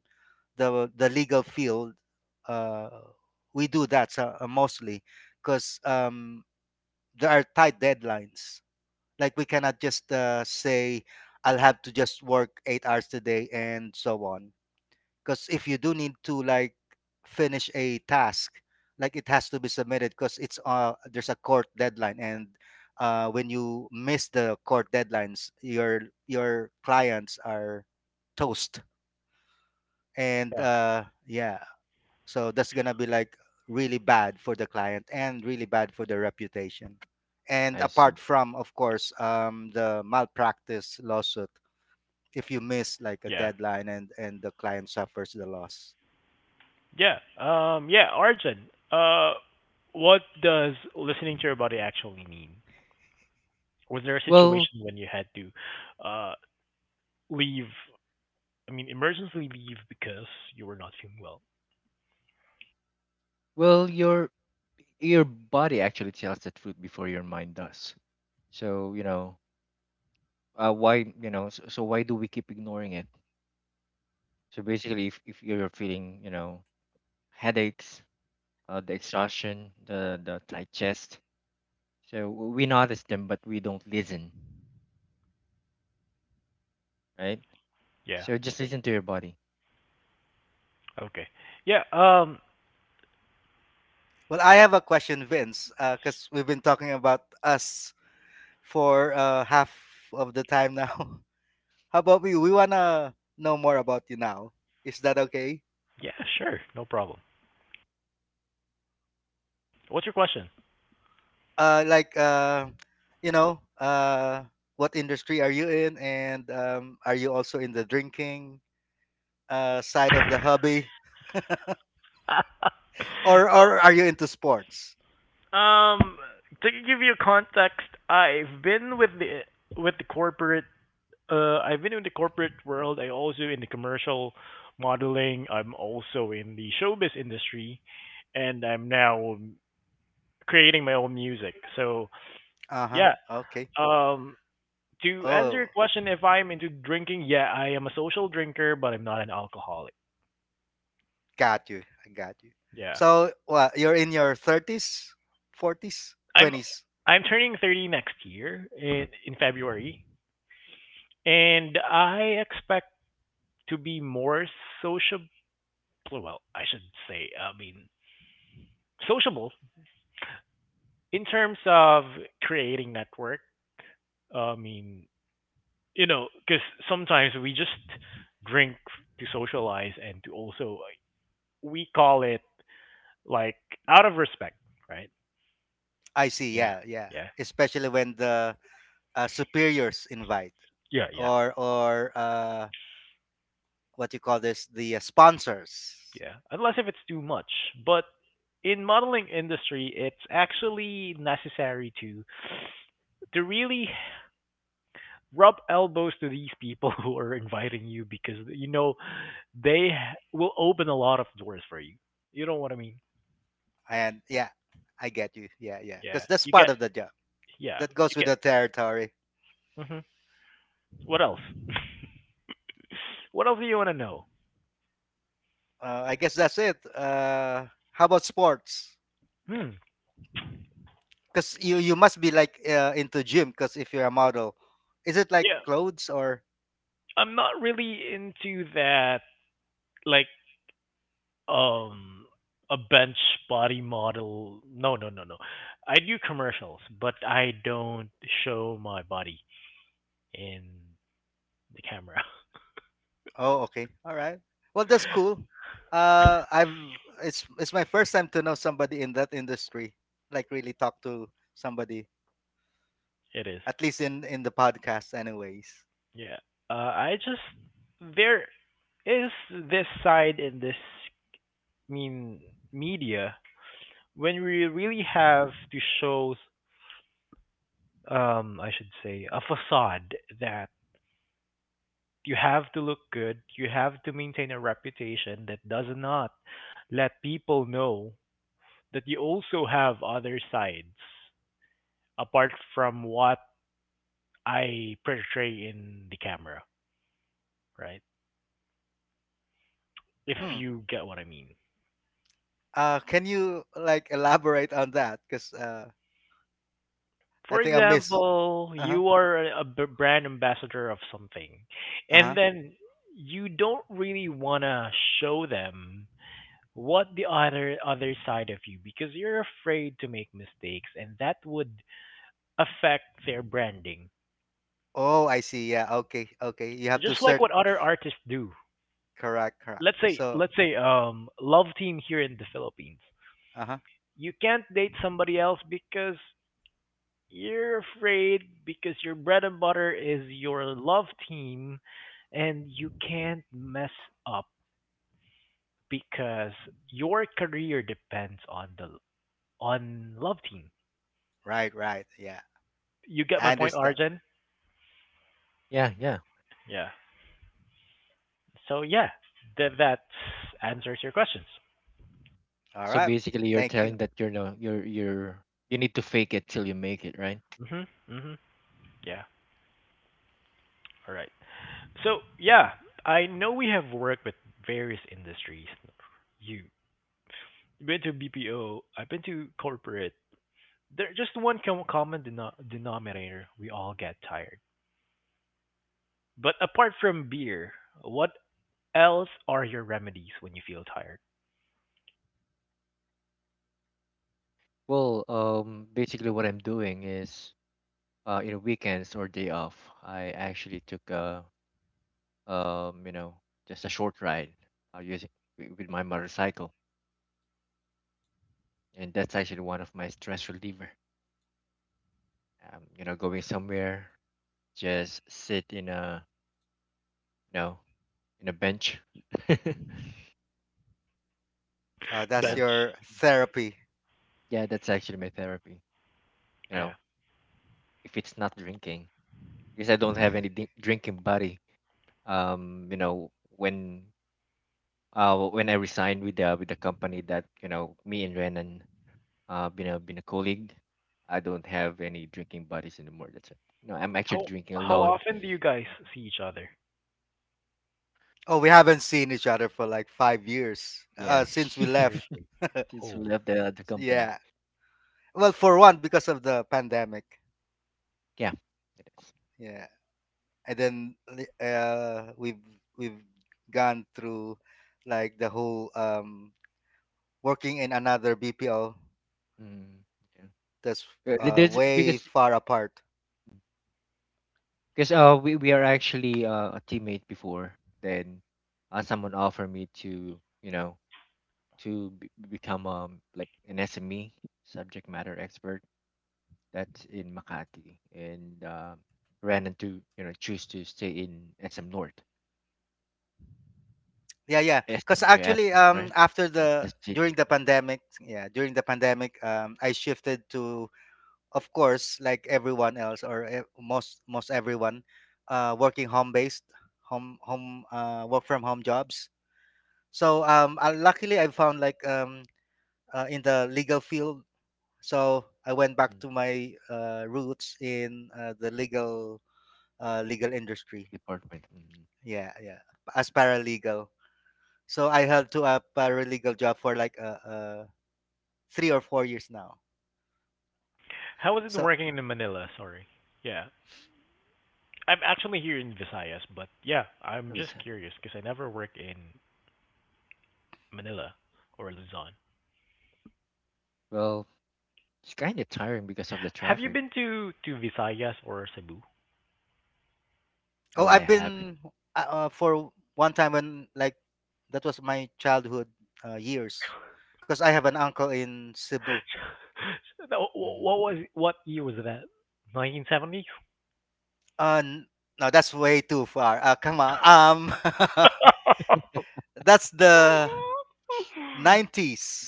[SPEAKER 3] the the legal field, uh, we do that. So mostly because there are tight deadlines. Like, we cannot just say I'll have to just work 8 hours today and so on. 'Cause if you do need to, like, finish a task, like, it has to be submitted, cause it's, uh, there's a court deadline, and when you miss the court deadlines, your clients are toast. And,
[SPEAKER 1] yeah.
[SPEAKER 3] yeah, so that's gonna be, like, really bad for the client and really bad for their reputation. And
[SPEAKER 2] I see.
[SPEAKER 3] apart from, of course, the malpractice lawsuit, if you miss, like, a
[SPEAKER 1] Yeah.
[SPEAKER 3] deadline and the client suffers the loss.
[SPEAKER 1] Yeah. Yeah, Arjun, what does listening to your body actually mean? Was there a
[SPEAKER 2] Well,
[SPEAKER 1] situation when you had to uh, leave, I mean, emergency leave because you were not feeling well?
[SPEAKER 2] Well, your your body actually tells the truth before your mind does. So, you know, why, so why do we keep ignoring it? So basically, if you're feeling, headaches, the exhaustion, the tight chest, so we notice them, but we don't listen, right?
[SPEAKER 1] Yeah.
[SPEAKER 2] So just listen to your body.
[SPEAKER 1] Okay. Yeah.
[SPEAKER 3] Well, I have a question, Vince, because we've been talking about us for half of the time now. How about you? We wanna know more about you now. Is that okay?
[SPEAKER 1] Yeah, sure. No problem. What's your question?
[SPEAKER 3] Like, you know, uh, what industry are you in, and are you also in the drinking side of the hobby, or are you into sports?
[SPEAKER 1] um, to give you context, I've been with the corporate. I've been in the corporate world. I also in the commercial modeling. I'm also in the showbiz industry, and I'm now creating my own music. So
[SPEAKER 3] Uh huh.
[SPEAKER 1] yeah.
[SPEAKER 3] Okay.
[SPEAKER 1] Um, to answer your
[SPEAKER 3] Oh,
[SPEAKER 1] question, if I'm into drinking, yeah, I am a social drinker, but I'm not an alcoholic.
[SPEAKER 3] got you. I got you.
[SPEAKER 1] Yeah,
[SPEAKER 3] So, what? You're in your thirties, forties,
[SPEAKER 1] I'm
[SPEAKER 3] twenties.
[SPEAKER 1] I'm turning 30 next year in February, and I expect to be more sociable. Well, I should say, I mean, sociable in terms of creating network, I mean, you know, because sometimes we just drink to socialize and to also like, we call it like out of respect, right?
[SPEAKER 3] I see.
[SPEAKER 1] Yeah,
[SPEAKER 3] Yeah, yeah.
[SPEAKER 1] yeah,
[SPEAKER 3] Especially when the superiors invite,
[SPEAKER 1] yeah, yeah,
[SPEAKER 3] or what you call this, the sponsors.
[SPEAKER 1] yeah. Unless if it's too much, but in modeling industry, it's actually necessary to really rub elbows to these people who are inviting you because you know they will open a lot of doors for you. You know what I mean?
[SPEAKER 3] And yeah, I get you. Yeah, yeah.
[SPEAKER 1] Yeah.
[SPEAKER 3] Because that's
[SPEAKER 1] You
[SPEAKER 3] part
[SPEAKER 1] get
[SPEAKER 3] of the job.
[SPEAKER 1] yeah,
[SPEAKER 3] That goes
[SPEAKER 1] you
[SPEAKER 3] with the territory.
[SPEAKER 1] get hmm. What else? what else do you want to know?
[SPEAKER 3] I guess that's it. How about sports?
[SPEAKER 1] Hmm.
[SPEAKER 3] Because you must be like into gym. Because if you're a model, is it like
[SPEAKER 1] Yeah.
[SPEAKER 3] clothes or...
[SPEAKER 1] I'm not really into that like um a bench body model. No, no, no, no. I do commercials, but I don't show my body in the camera.
[SPEAKER 3] Oh, okay. All right. Well, that's cool. I've it's my first time to know somebody in that industry, like really talk to somebody,
[SPEAKER 1] It is.
[SPEAKER 3] at least in the podcast, anyways.
[SPEAKER 1] Yeah. I just there is this side in this mean media when we really have to show I should say a facade that you have to look good, you have to maintain a reputation that does not let people know that you also have other sides apart from what I portray in the camera, right? If
[SPEAKER 3] Hmm.
[SPEAKER 1] you get what I mean.
[SPEAKER 3] Can you like elaborate on that? Because I
[SPEAKER 1] For
[SPEAKER 3] think I missed.
[SPEAKER 1] example,
[SPEAKER 3] Uh huh.
[SPEAKER 1] you are a brand ambassador of something,
[SPEAKER 3] Uh
[SPEAKER 1] and
[SPEAKER 3] huh.
[SPEAKER 1] then you don't really want to show them what the other side of you because you're afraid to make mistakes and that would affect their branding
[SPEAKER 3] Oh, I see. Yeah. Okay. Okay. You have to
[SPEAKER 1] just like
[SPEAKER 3] search.
[SPEAKER 1] what other artists do.
[SPEAKER 3] Correct. Correct.
[SPEAKER 1] let's say
[SPEAKER 3] So.
[SPEAKER 1] let's say um love team here in the Philippines,
[SPEAKER 3] Uh huh.
[SPEAKER 1] you can't date somebody else because you're afraid because your bread and butter is your love team and you can't mess up because your career depends on the on love team.
[SPEAKER 3] Right. Right. Yeah.
[SPEAKER 1] You get my
[SPEAKER 3] I
[SPEAKER 1] point,
[SPEAKER 3] understand.
[SPEAKER 1] Arjun?
[SPEAKER 2] Yeah, yeah.
[SPEAKER 1] Yeah. So yeah, that answers your questions.
[SPEAKER 3] All
[SPEAKER 2] So
[SPEAKER 3] right.
[SPEAKER 2] basically, you're
[SPEAKER 3] Thank you.
[SPEAKER 2] telling that you're no, you need to fake it till you make it, right?
[SPEAKER 1] Mhm. Mhm. Yeah. All right. So yeah, I know we have worked with various industries. You been to BPO. I've been to corporate. There just one common denominator. We all get tired. But apart from beer, what else are your remedies when you feel tired?
[SPEAKER 2] Well, basically, what I'm doing is, weekends or day off, I actually took a, um, you know, just a short ride, using with my motorcycle, and that's actually one of my stress reliever. You know, going somewhere, just sit in a, you know, in a bench. Yeah.
[SPEAKER 3] That's
[SPEAKER 1] Bench.
[SPEAKER 3] your
[SPEAKER 2] Mhm.
[SPEAKER 3] therapy?
[SPEAKER 2] Yeah, that's actually my therapy. You
[SPEAKER 1] Yeah.
[SPEAKER 2] know, if it's not drinking, because I don't have any drinking buddy. Um, you know, when, I resigned with the company that, you know, me and Renan, been a colleague. I don't have any drinking buddies anymore. That's it. No, I'm actually
[SPEAKER 1] How
[SPEAKER 2] drinking
[SPEAKER 1] how
[SPEAKER 2] alone.
[SPEAKER 1] often do you guys
[SPEAKER 2] Mhm.
[SPEAKER 1] see each other?
[SPEAKER 3] Oh, we haven't seen each other for like 5 years
[SPEAKER 2] Yeah.
[SPEAKER 3] since we left.
[SPEAKER 1] Seriously.
[SPEAKER 2] Since you
[SPEAKER 1] Oh.
[SPEAKER 2] left the company.
[SPEAKER 3] Yeah. Well, for one, because of the pandemic.
[SPEAKER 2] Yeah, it is.
[SPEAKER 3] Yeah, and then we've gone through like the whole working in another BPO
[SPEAKER 2] Mm, yeah.
[SPEAKER 3] that's
[SPEAKER 2] There's,
[SPEAKER 3] way
[SPEAKER 2] because,
[SPEAKER 3] far apart.
[SPEAKER 2] we are actually, a teammate before. Then, someone offered me to, to become, like an SME, subject matter expert. That's in Makati, and, ran into, choose to stay in SM North.
[SPEAKER 3] Yeah, yeah.
[SPEAKER 2] Yes,
[SPEAKER 3] Because
[SPEAKER 2] we're
[SPEAKER 3] actually,
[SPEAKER 2] asking, right?
[SPEAKER 3] after the
[SPEAKER 2] That's cheating.
[SPEAKER 3] during the
[SPEAKER 2] Yeah.
[SPEAKER 3] pandemic, yeah, during the pandemic, I shifted to, of course, like everyone else, or most everyone, working home based, home home work from home jobs. So luckily I found like in the legal field. So I went back
[SPEAKER 2] Hmm.
[SPEAKER 3] to my roots in uh, the legal industry.
[SPEAKER 2] Department. Mm-hmm.
[SPEAKER 3] Yeah, yeah, as paralegal. So I held to a paralegal job for like 3 or 4 years now.
[SPEAKER 1] How is it
[SPEAKER 3] So.
[SPEAKER 1] working in Manila? Sorry. Yeah. I'm actually here in Visayas, but yeah, I'm
[SPEAKER 2] That'd be
[SPEAKER 1] just
[SPEAKER 2] sad.
[SPEAKER 1] curious because I never work in Manila or Luzon.
[SPEAKER 2] Well, it's kind of tiring because of the
[SPEAKER 1] Have you
[SPEAKER 2] traffic.
[SPEAKER 1] been to Visayas or Cebu?
[SPEAKER 3] Oh,
[SPEAKER 2] No, I
[SPEAKER 3] I've
[SPEAKER 2] haven't.
[SPEAKER 3] been for one time when, like, that was my childhood years, because I have an uncle in Cebu.
[SPEAKER 2] Mm-hmm.
[SPEAKER 1] What was what year was that? 1970.
[SPEAKER 3] Uh, n- no, that's way too far. Come on. That's the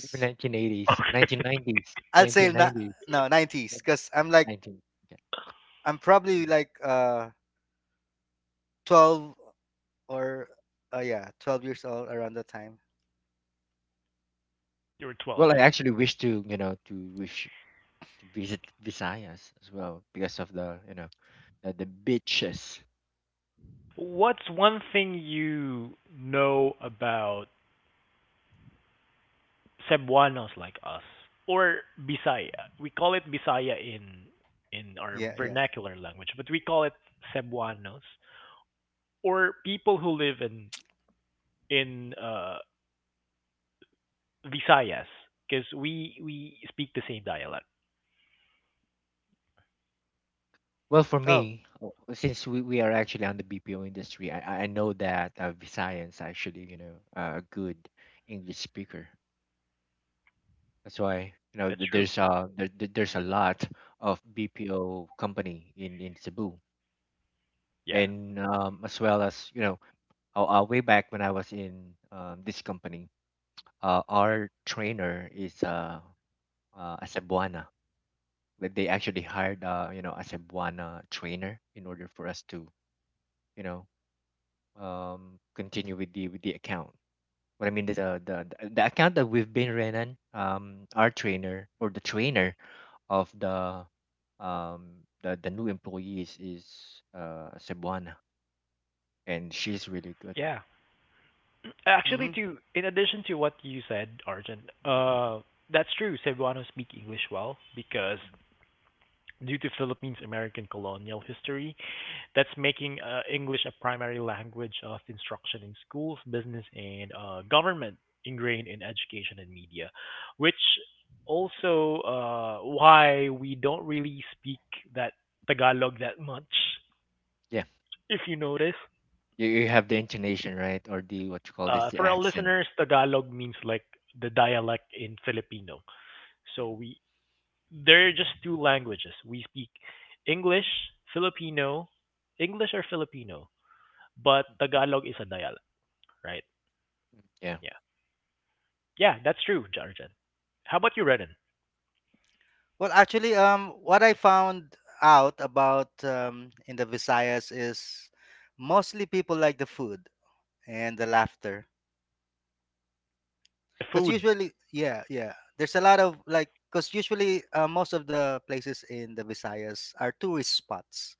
[SPEAKER 2] Maybe 1980s,
[SPEAKER 1] okay,
[SPEAKER 2] 1990s,
[SPEAKER 3] I'll say
[SPEAKER 2] 1990s, 19
[SPEAKER 3] na-
[SPEAKER 2] nineties,
[SPEAKER 3] no, nineties, because I'm like,
[SPEAKER 2] 19. Okay.
[SPEAKER 3] I'm probably
[SPEAKER 2] Mhm.
[SPEAKER 3] like 12, or yeah, 12 years old around that time.
[SPEAKER 1] you were 12.
[SPEAKER 2] Well, I actually wish to, to wish to visit Visayas as well because of the, the beaches.
[SPEAKER 1] What's one thing you know about Cebuanos like us or Bisaya? We call it Bisaya in our
[SPEAKER 3] Yeah, yeah.
[SPEAKER 1] vernacular language, but we call it Cebuanos or people who live in in uh, Visayas because we speak the same dialect.
[SPEAKER 2] Well, for
[SPEAKER 3] Oh.
[SPEAKER 2] me, since we are actually on the BPO industry, I know that, Visayan's actually, a good English speaker. That's why,
[SPEAKER 1] That's true.
[SPEAKER 2] there's a lot of BPO company in Cebu.
[SPEAKER 1] Yeah,
[SPEAKER 2] And, as well as, way back when I was in, this company, our trainer is, a Cebuana. Like, they actually hired, a Cebuana trainer in order for us to, you know, continue with the account. What I mean is, the account that we've been running, our trainer, or the trainer of the, um the new employees is, Cebuana, and she's really good.
[SPEAKER 1] yeah. Actually,
[SPEAKER 3] Mm-hmm.
[SPEAKER 1] to in addition to what you said, Arjun,
[SPEAKER 2] Mhm,
[SPEAKER 1] that's true. Cebuanos speak English well because
[SPEAKER 2] mhm.
[SPEAKER 1] due to Philippines American colonial history, that's making English a primary language of instruction in schools, business, and government, ingrained in education and media, which also why we don't really speak that Tagalog that much.
[SPEAKER 2] Yeah,
[SPEAKER 1] If you notice,
[SPEAKER 2] you have the intonation right, or the, what you call this, the
[SPEAKER 1] for our
[SPEAKER 2] accent.
[SPEAKER 1] listeners, Tagalog means like the dialect in Filipino.
[SPEAKER 2] Yeah.
[SPEAKER 1] So we there are just two languages. We speak English, Filipino, English or Filipino, but
[SPEAKER 2] Mhm,
[SPEAKER 1] Tagalog is a dialect, right?
[SPEAKER 2] mhm. Yeah.
[SPEAKER 1] Yeah, yeah, that's true, Jarjan. How about you,
[SPEAKER 2] Mm.
[SPEAKER 1] Renan?
[SPEAKER 3] Well, actually, what I found out about, in the Visayas, is mostly people like the food and the laughter. Because
[SPEAKER 1] Food.
[SPEAKER 3] usually, yeah, yeah, there's a lot of like, because usually most of the places in the Visayas are tourist spots.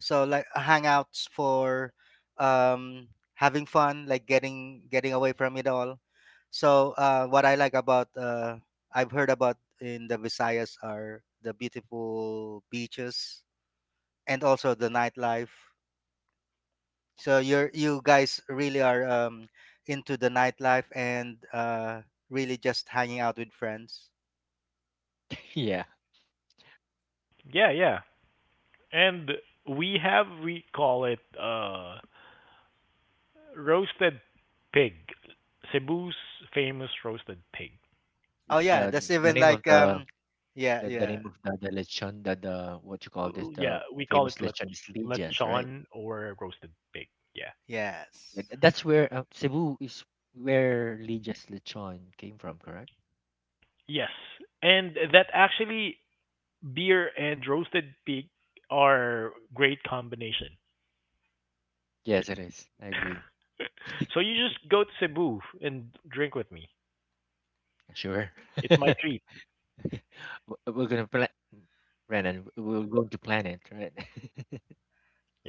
[SPEAKER 3] So like hangouts for having fun, like getting away from it all. So what I like about I've heard about in the Visayas are the beautiful beaches, and also the nightlife. So you're you guys really are into the nightlife, and really just hanging out with friends.
[SPEAKER 2] Yeah.
[SPEAKER 1] Yeah, yeah. And we have we call it roasted pig. Cebu's famous roasted pig.
[SPEAKER 3] Oh
[SPEAKER 2] It's
[SPEAKER 3] yeah, that's
[SPEAKER 2] the
[SPEAKER 3] even
[SPEAKER 2] name of
[SPEAKER 3] like yeah,
[SPEAKER 2] the
[SPEAKER 3] yeah.
[SPEAKER 2] name of the lechon, the what you call this,
[SPEAKER 1] L- Yeah,
[SPEAKER 2] the
[SPEAKER 1] we call
[SPEAKER 2] famous
[SPEAKER 1] it le-
[SPEAKER 2] lechon is Lidias, right?
[SPEAKER 1] lechon or roasted pig. Yeah.
[SPEAKER 3] Yes.
[SPEAKER 2] That's where, Cebu is where Lija's lechon came from, correct?
[SPEAKER 1] Yes. And
[SPEAKER 2] Right.
[SPEAKER 1] that actually beer and roasted pig are great combination.
[SPEAKER 2] Yes, it is. I agree.
[SPEAKER 1] so you just go to Cebu and drink with me.
[SPEAKER 2] Sure.
[SPEAKER 1] It's my
[SPEAKER 2] W-
[SPEAKER 1] treat.
[SPEAKER 2] We're gonna plan, Brandon. We're going to plan it, right?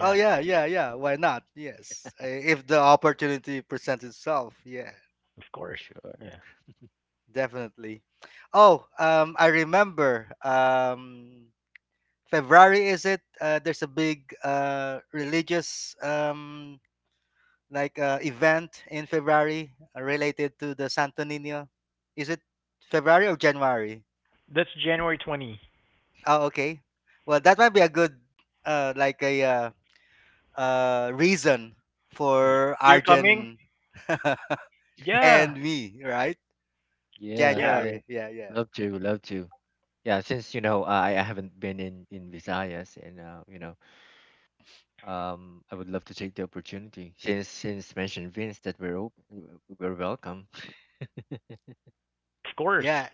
[SPEAKER 3] Oh yeah, yeah, yeah. Why not? Yes. If the opportunity presents itself, yeah,
[SPEAKER 1] of course.
[SPEAKER 2] Sure.
[SPEAKER 1] Yeah.
[SPEAKER 3] definitely. Oh, I remember, February, is it? There's a big religious, like event in February related to the Santo Nino? Is it February or January?
[SPEAKER 1] That's January 20.
[SPEAKER 3] Oh, okay. Well, that might be a good like a reason
[SPEAKER 1] Y-
[SPEAKER 2] Mhm.
[SPEAKER 3] for
[SPEAKER 1] You're coming?
[SPEAKER 3] Arjun
[SPEAKER 1] Yeah.
[SPEAKER 3] and me, right?
[SPEAKER 2] Yes,
[SPEAKER 1] Yeah,
[SPEAKER 2] yeah.
[SPEAKER 3] January. Yeah, yeah,
[SPEAKER 2] Love to, love to. Yeah, since you know, I haven't been in Visayas. And, I would love to take the opportunity since mentioned Vince that we're, we're welcome.
[SPEAKER 1] of course.
[SPEAKER 3] yeah.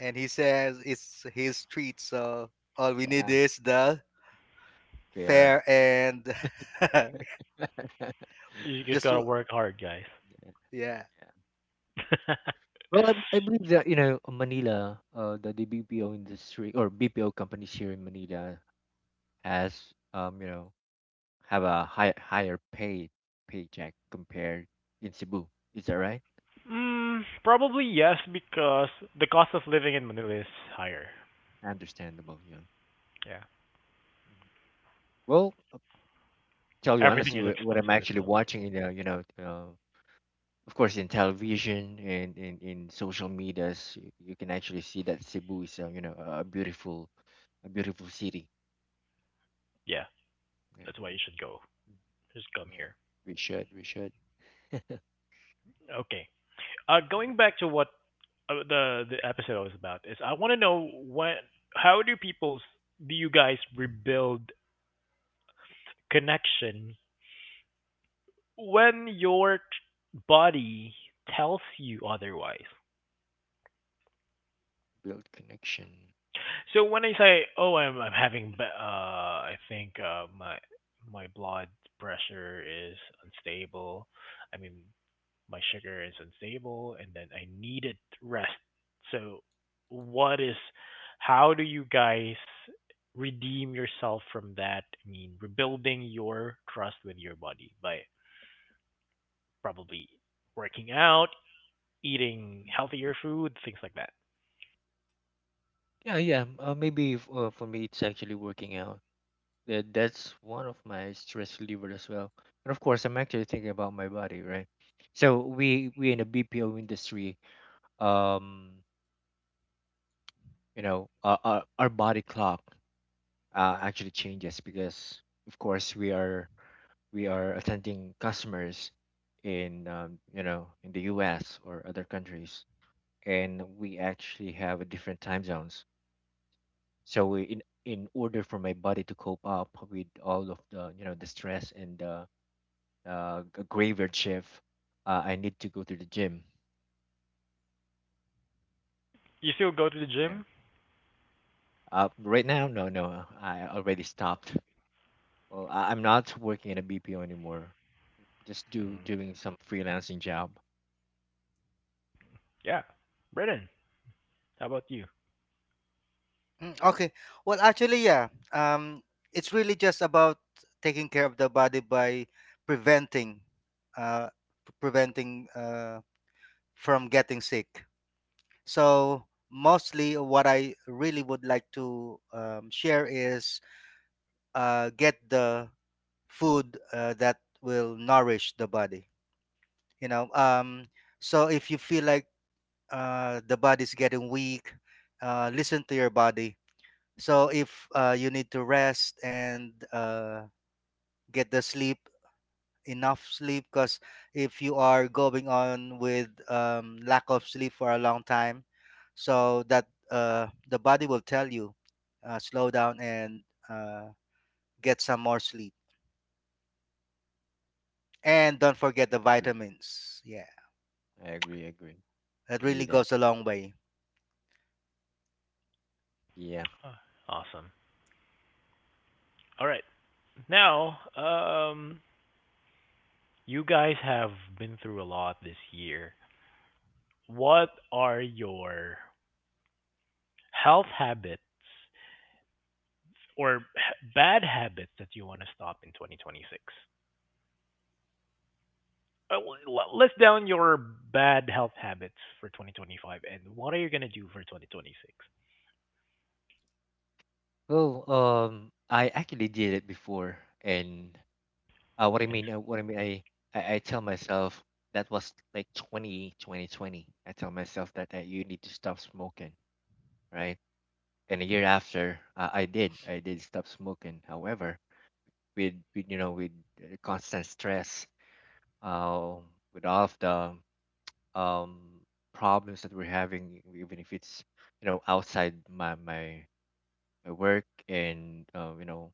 [SPEAKER 3] And he says it's his treat, so all we need
[SPEAKER 2] Yeah,
[SPEAKER 3] is the fair
[SPEAKER 2] fair.
[SPEAKER 3] and
[SPEAKER 1] You just
[SPEAKER 3] just
[SPEAKER 1] got to
[SPEAKER 3] w-
[SPEAKER 1] work hard, guys.
[SPEAKER 3] yeah.
[SPEAKER 2] Yeah. Well, I believe that, you know, Manila, the BPO industry or BPO companies here in Manila has, have a higher paycheck compared in Cebu. Is that right?
[SPEAKER 1] mm, probably yes because the cost of living in Manila is higher.
[SPEAKER 2] Understandable, yeah.
[SPEAKER 1] Yeah.
[SPEAKER 2] Mhm. Well, tell you
[SPEAKER 1] Everything
[SPEAKER 2] honestly,
[SPEAKER 1] is
[SPEAKER 2] what I'm
[SPEAKER 1] expensive in
[SPEAKER 2] actually
[SPEAKER 1] Manila.
[SPEAKER 2] watching in the, of course, in television and in social medias, you can actually see that Cebu is, you know, a beautiful, a beautiful city.
[SPEAKER 1] Yeah,
[SPEAKER 2] Yeah.
[SPEAKER 1] that's why you should go.
[SPEAKER 2] Mhm.
[SPEAKER 1] Just come
[SPEAKER 2] Yeah.
[SPEAKER 1] here.
[SPEAKER 2] We should, we should.
[SPEAKER 1] Okay. Going back to what the episode was about is, I want to know when, how do people, do you guys rebuild connection when your body tells you otherwise?
[SPEAKER 2] Build connection.
[SPEAKER 1] So when I say, oh, I'm having, I think my my blood pressure is unstable. I mean, my sugar is unstable and then I needed rest. So what is how do you guys redeem yourself from that? I mean, rebuilding your trust with your body by probably working out, eating
[SPEAKER 2] Mm.
[SPEAKER 1] healthier food, things like that.
[SPEAKER 2] Yeah, yeah. Maybe, for me, it's actually working out. That's one of my stress reliever as well. And of course, I'm actually thinking about my body, right? So we in the BPO industry, um, you know, our body clock, actually changes because, of course, we are attending customers in, you know, in the U.S. or other countries, and we actually have a different time zones. So in order for my body to cope up with all of the, the stress and the, graveyard shift, I need to go to the gym.
[SPEAKER 1] You still go to the
[SPEAKER 2] Yeah
[SPEAKER 1] gym?
[SPEAKER 2] right now, no, no, I already stopped. Well I'm not working at a bpo anymore, just do
[SPEAKER 1] Mm.
[SPEAKER 2] doing some freelancing job.
[SPEAKER 1] Yeah. Brennan, how about you?
[SPEAKER 3] Mm, okay. Well, actually, yeah. It's really just about taking care of the body by preventing, uh, preventing from getting sick. So mostly, what I really would like to share is get the food that will nourish the body. You know. So if you feel like the body's getting weak, listen to your body. So if you need to rest and get the sleep, enough sleep, because if you are going on with lack of sleep for a long time, so that the body will tell you, slow down and uh, get some more sleep. And don't forget the
[SPEAKER 2] Agree.
[SPEAKER 3] vitamins. Yeah,
[SPEAKER 2] I agree.
[SPEAKER 3] that
[SPEAKER 2] You
[SPEAKER 3] really
[SPEAKER 2] need that,
[SPEAKER 3] goes a long way.
[SPEAKER 2] yeah.
[SPEAKER 1] Uh, Awesome. All right. Now, you guys have been through a lot this year. What are your health habits or bad habits that you want to stop in 2026? List down your bad health habits for 2025 and what are you going to do for 2026?
[SPEAKER 2] Well, I actually did it before. And
[SPEAKER 1] And
[SPEAKER 2] what I mean, I tell myself, that was like 202020. I tell myself that you need to stop smoking, right? And a year after, I did stop smoking. However, with you know, with constant stress, uh, with all of the um problems that we're having, even if it's you know outside my work and you know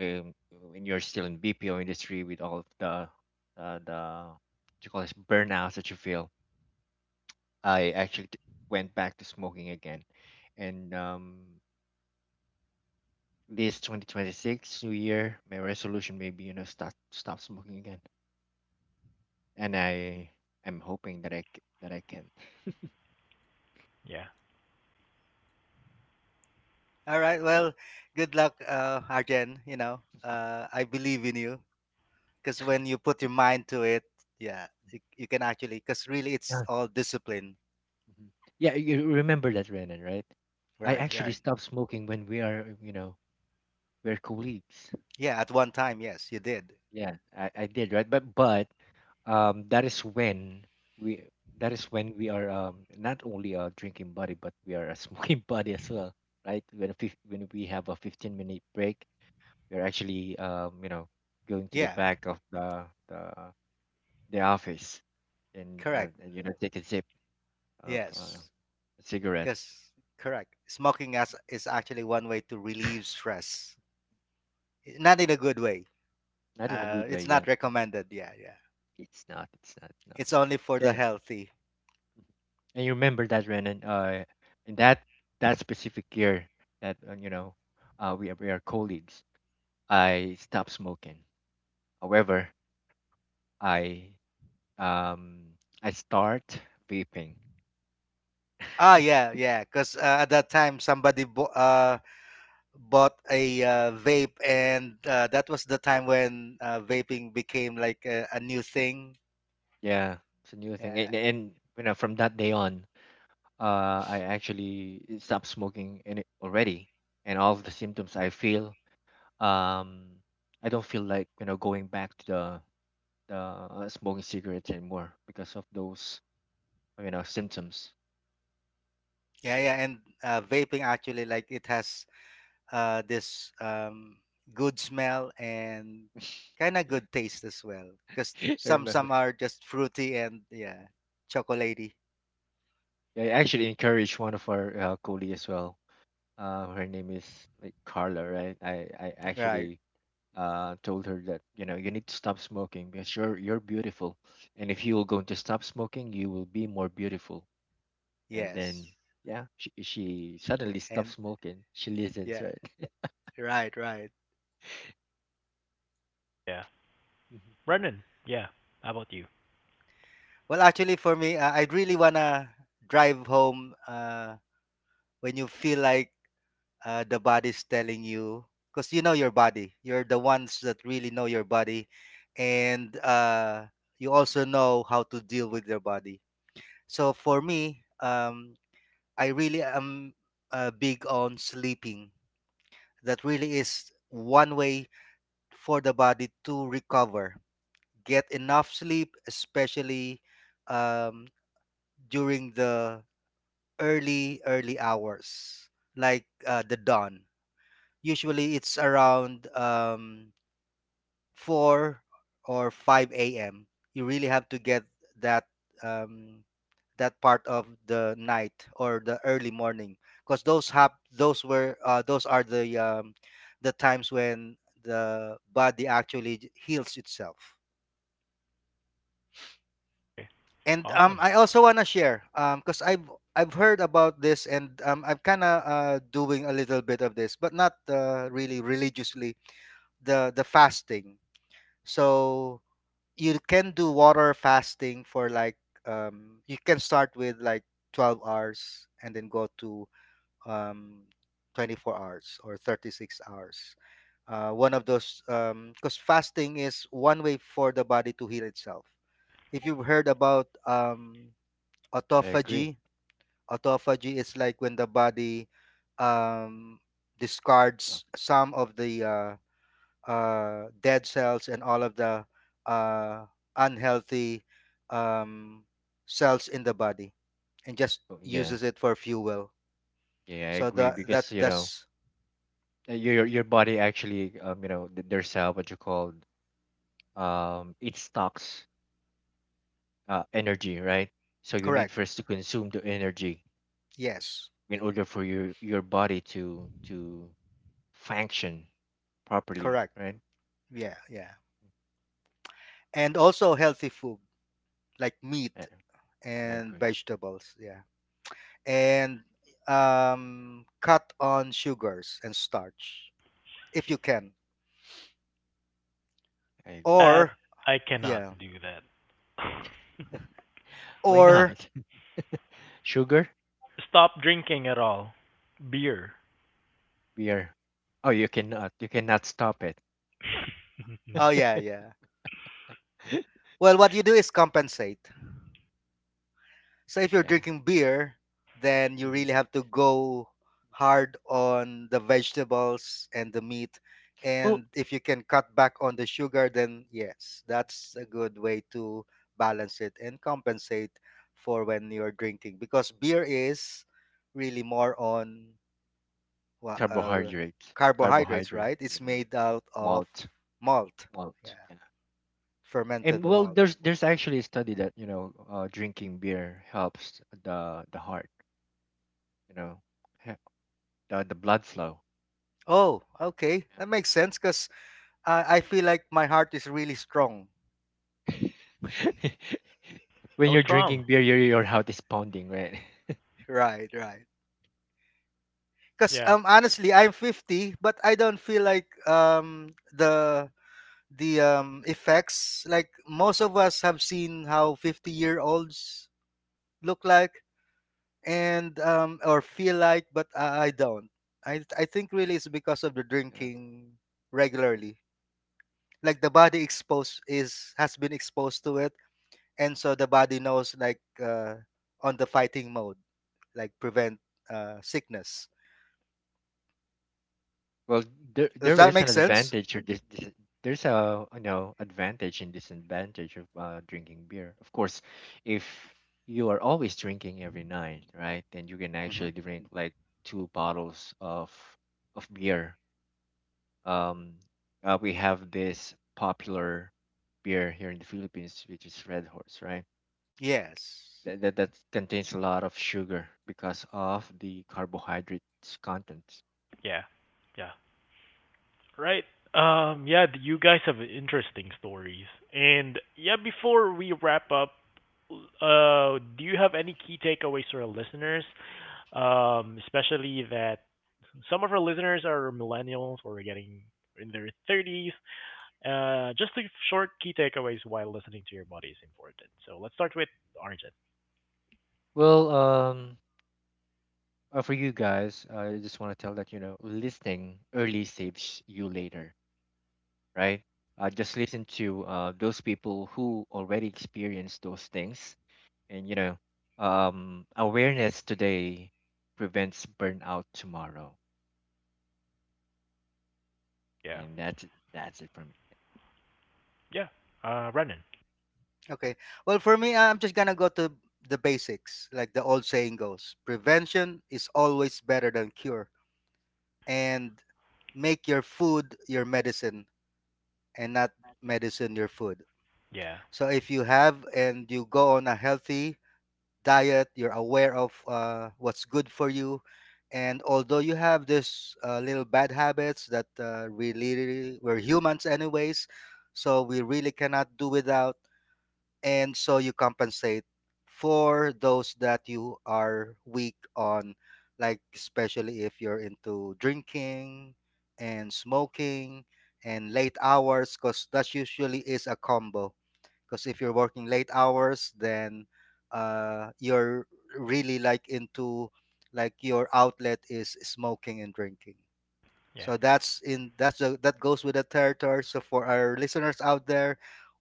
[SPEAKER 2] um, when you're still in BPO industry with all of the what you call this burnouts that you feel. I actually went back to smoking again, and this 2026 New Year, my resolution maybe you know start stop smoking again, and I am hoping that that I can.
[SPEAKER 1] yeah,
[SPEAKER 3] All right.
[SPEAKER 2] Yeah.
[SPEAKER 3] Well, good luck, Arjen. You know, I believe in you, because when you put your mind to it, yeah,
[SPEAKER 2] Mhm.
[SPEAKER 3] you can actually, because really it's
[SPEAKER 2] Yeah.
[SPEAKER 3] all discipline.
[SPEAKER 2] Mhm. Yeah, you remember that, Renan, right? I
[SPEAKER 3] Right,
[SPEAKER 2] actually
[SPEAKER 3] right.
[SPEAKER 2] stopped smoking when we are, you know, we're colleagues.
[SPEAKER 3] Yeah, at one time, yes, you did.
[SPEAKER 2] Yeah, I did, right? But that is when we that is when we are not only a drinking buddy but we are a smoking buddy as well, right? When we have a 15-minute break, we're actually you know going to the
[SPEAKER 3] Yeah,
[SPEAKER 2] back of the office, and
[SPEAKER 3] correct.
[SPEAKER 2] and you know take a sip of
[SPEAKER 3] Yes,
[SPEAKER 2] a cigarette.
[SPEAKER 3] because, correct, smoking as is actually one way to relieve stress. Not in a good way.
[SPEAKER 2] Not in a good way,
[SPEAKER 3] It's
[SPEAKER 2] yeah.
[SPEAKER 3] not recommended, yeah, yeah,
[SPEAKER 2] It's not,
[SPEAKER 3] it's only for the
[SPEAKER 2] then.
[SPEAKER 3] healthy.
[SPEAKER 2] And you remember that, Renan, in that that specific year that you know we are colleagues, I stopped smoking. However, I um I start vaping.
[SPEAKER 3] Ah, yeah, yeah, because at that time somebody bought a vape, and that was the time when vaping became like a new thing.
[SPEAKER 2] Yeah, it's a new thing.
[SPEAKER 3] Yeah,
[SPEAKER 2] And you know, from that day on, I actually stopped smoking and it already. And all of the symptoms I feel, um, I don't feel like you know going back to the smoking cigarettes anymore because of those you know symptoms.
[SPEAKER 3] yeah, yeah. And vaping actually, like, it has this good smell and kind of
[SPEAKER 2] Yeah.
[SPEAKER 3] good taste as well. Because
[SPEAKER 2] I
[SPEAKER 3] some
[SPEAKER 2] remember.
[SPEAKER 3] some are just fruity and, yeah, chocolatey.
[SPEAKER 2] Yeah, I actually encouraged one of our colleagues as well. Her name is like Carla, right? I
[SPEAKER 3] Right.
[SPEAKER 2] actually told her that you know you need to stop smoking because you're beautiful, and if you're going to stop smoking, you will be more beautiful. And
[SPEAKER 3] Yes.
[SPEAKER 2] then yeah, she suddenly stopped
[SPEAKER 3] And
[SPEAKER 2] smoking. She listens,
[SPEAKER 3] yeah.
[SPEAKER 2] right?
[SPEAKER 3] Right. Right.
[SPEAKER 1] yeah. Brendan, yeah. How about you?
[SPEAKER 3] Well, actually, for me, I'd really wanna drive home, when you feel like the body's telling you, because you know your body, you're the ones that really know your body, and you also know how to deal with your body. So for me, I really am big on sleeping. That really is one way for the body to recover. Get enough sleep, especially um, during the early, early hours, like the dawn. Usually it's around 4 or 5 a.m. You really have to get that, um, that part of the night or the early morning, because those were those are the, the times when the body actually heals itself.
[SPEAKER 1] Okay.
[SPEAKER 3] And
[SPEAKER 1] Awesome.
[SPEAKER 3] I also wanna share, because I've heard about this and, I'm kind of doing a little bit of this, but not really religiously. The fasting. So you can do water fasting for like, you can start with like 12 hours, and then go to um 24 hours or 36 hours. One of those, because fasting is one way for the body to heal itself. If you've heard about
[SPEAKER 2] I agree.
[SPEAKER 3] autophagy, autophagy is like when the body um
[SPEAKER 2] Oh,
[SPEAKER 3] discards some of the dead cells and all of the uh, unhealthy, um, cells in the body, and just
[SPEAKER 2] oh, yeah,
[SPEAKER 3] uses it for fuel.
[SPEAKER 2] yeah, I
[SPEAKER 3] So
[SPEAKER 2] agree
[SPEAKER 3] that that
[SPEAKER 2] because you know
[SPEAKER 3] that's
[SPEAKER 2] your body actually you know there's what you call it stocks energy, right? So you need
[SPEAKER 3] correct.
[SPEAKER 2] first to consume the energy
[SPEAKER 3] Yes,
[SPEAKER 2] in order for your body to function properly,
[SPEAKER 3] correct.
[SPEAKER 2] right?
[SPEAKER 3] Yeah, yeah. And also healthy food, like
[SPEAKER 2] I,
[SPEAKER 3] meat
[SPEAKER 2] I
[SPEAKER 3] and
[SPEAKER 2] agree.
[SPEAKER 3] vegetables. Yeah, and cut on sugars and starch if you can.
[SPEAKER 2] I agree.
[SPEAKER 1] That
[SPEAKER 3] Or
[SPEAKER 1] I
[SPEAKER 3] yeah,
[SPEAKER 1] cannot do that.
[SPEAKER 2] Why
[SPEAKER 3] or,
[SPEAKER 2] not? Sugar,
[SPEAKER 1] Stop drinking at all. Beer.
[SPEAKER 2] beer. Oh, you cannot. You cannot stop it.
[SPEAKER 3] oh yeah, yeah. Well, what you do is compensate. So if you're
[SPEAKER 2] Yeah.
[SPEAKER 3] drinking beer, then you
[SPEAKER 2] Hmm.
[SPEAKER 3] really have to go hard on the vegetables and the meat.
[SPEAKER 2] Well,
[SPEAKER 3] And if you can cut back on the sugar, then yes, that's a good way to balance it and compensate for when you're drinking. Because beer is really more on wha- uh,
[SPEAKER 2] carbohydrates.
[SPEAKER 3] carbohydrates,
[SPEAKER 2] Carbohydrate.
[SPEAKER 3] right? It's
[SPEAKER 2] Yeah.
[SPEAKER 3] made out of
[SPEAKER 2] Malt.
[SPEAKER 3] malt,
[SPEAKER 2] Malt.
[SPEAKER 3] yeah,
[SPEAKER 2] Yeah.
[SPEAKER 3] fermented
[SPEAKER 2] And well, there's
[SPEAKER 3] malt.
[SPEAKER 2] there's actually a study that you know drinking beer helps the heart. You know, he- the blood flow.
[SPEAKER 3] Oh, okay, that makes sense. Because I feel like my heart is really strong.
[SPEAKER 2] When
[SPEAKER 1] How
[SPEAKER 2] you're
[SPEAKER 1] strong?
[SPEAKER 2] drinking beer, your heart is pounding, right?
[SPEAKER 3] Right, right. Because
[SPEAKER 1] Yeah.
[SPEAKER 3] honestly, I'm 50, but I don't feel like the effects. Like, most of us have seen how 50-year-olds look like, and or feel like, but I don't. I think really it's because of the
[SPEAKER 2] Yeah.
[SPEAKER 3] drinking regularly. Like, the body exposed is has been exposed to it, and so the body knows, like on the fighting mode, like, prevent sickness.
[SPEAKER 2] Well, there
[SPEAKER 3] Does
[SPEAKER 2] there
[SPEAKER 3] that
[SPEAKER 2] is
[SPEAKER 3] make
[SPEAKER 2] an
[SPEAKER 3] sense?
[SPEAKER 2] advantage or this, there's a you know advantage and disadvantage of drinking beer. Of course, if you are always drinking every night, right, then you can
[SPEAKER 3] Hmm.
[SPEAKER 2] actually drink like two bottles of beer. Um, we have this popular beer here in the Philippines, which is Red Horse, right?
[SPEAKER 3] Yes.
[SPEAKER 2] That that contains a lot of sugar because of the carbohydrates content.
[SPEAKER 1] Yeah. Yeah. Right. Yeah, you guys have interesting stories. And yeah, before we wrap up, do you have any key takeaways for our listeners? Especially that some of our listeners are millennials or getting in their 30s. Just a short key takeaways while listening to your body is important. So let's start with Arjun.
[SPEAKER 2] Well, for you guys, I just want to tell that you know listening early saves you later, right? Just listen to those people who already experienced those things, and you know, awareness today prevents burnout tomorrow,
[SPEAKER 1] Yeah.
[SPEAKER 2] and that's it for me.
[SPEAKER 1] Yeah. Renan.
[SPEAKER 3] Okay. Well, for me, I'm just gonna go to the basics, like the old saying goes, prevention is always better than cure. And make your food your medicine, and not medicine your food.
[SPEAKER 1] Yeah.
[SPEAKER 3] So if you have, and you go on a healthy diet, you're aware of what's good for you. And although you have this little bad habits that, we literally, we're humans anyways, so we really cannot do without. And so you compensate for those that you are weak on, like, especially if you're into drinking and smoking and late hours, because that usually is a combo. Because if you're working late hours, then you're really like into, like, your outlet is smoking and drinking.
[SPEAKER 1] Yeah.
[SPEAKER 3] So that's in, that's the, that goes with the territory. So for our listeners out there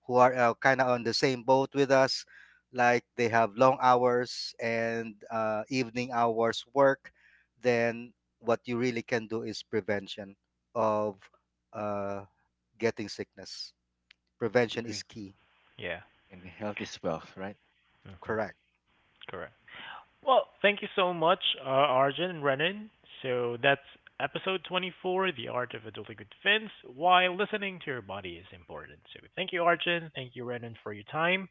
[SPEAKER 3] who are kind of on the same boat with us, like, they have long hours and evening hours work, then, what you really can do is prevention of uh, getting sickness.
[SPEAKER 2] I
[SPEAKER 3] Prevention is
[SPEAKER 2] agree.
[SPEAKER 3] key.
[SPEAKER 1] Yeah.
[SPEAKER 2] And health is wealth, right?
[SPEAKER 1] Hmm.
[SPEAKER 3] Correct.
[SPEAKER 1] Correct. Well, thank you so much, Arjun and Renan. So that's episode 24, The Art of Adulting with Vince, why listening to your body is important. So thank you, Arjun. Thank you, Renan, for your time.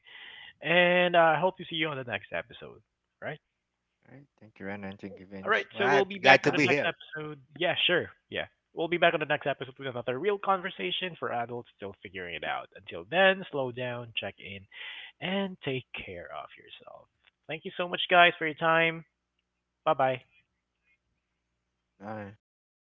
[SPEAKER 1] And I hope to see you on the next episode. All right?
[SPEAKER 2] All right. Thank you, Rana. Thank you,
[SPEAKER 1] All
[SPEAKER 2] Vince.
[SPEAKER 3] All
[SPEAKER 1] right. So
[SPEAKER 3] right.
[SPEAKER 1] we'll be
[SPEAKER 3] Glad to
[SPEAKER 1] back on
[SPEAKER 3] be
[SPEAKER 1] the
[SPEAKER 2] Bye.
[SPEAKER 1] next
[SPEAKER 3] here.
[SPEAKER 1] episode. Yeah, sure. Yeah. We'll be back on the next episode with another real conversation for adults still figuring it out. Until then, slow down, check in, and take care of yourself. Thank you so much, guys, for your time. Bye bye.
[SPEAKER 3] Bye
[SPEAKER 2] Bye.
[SPEAKER 3] bye.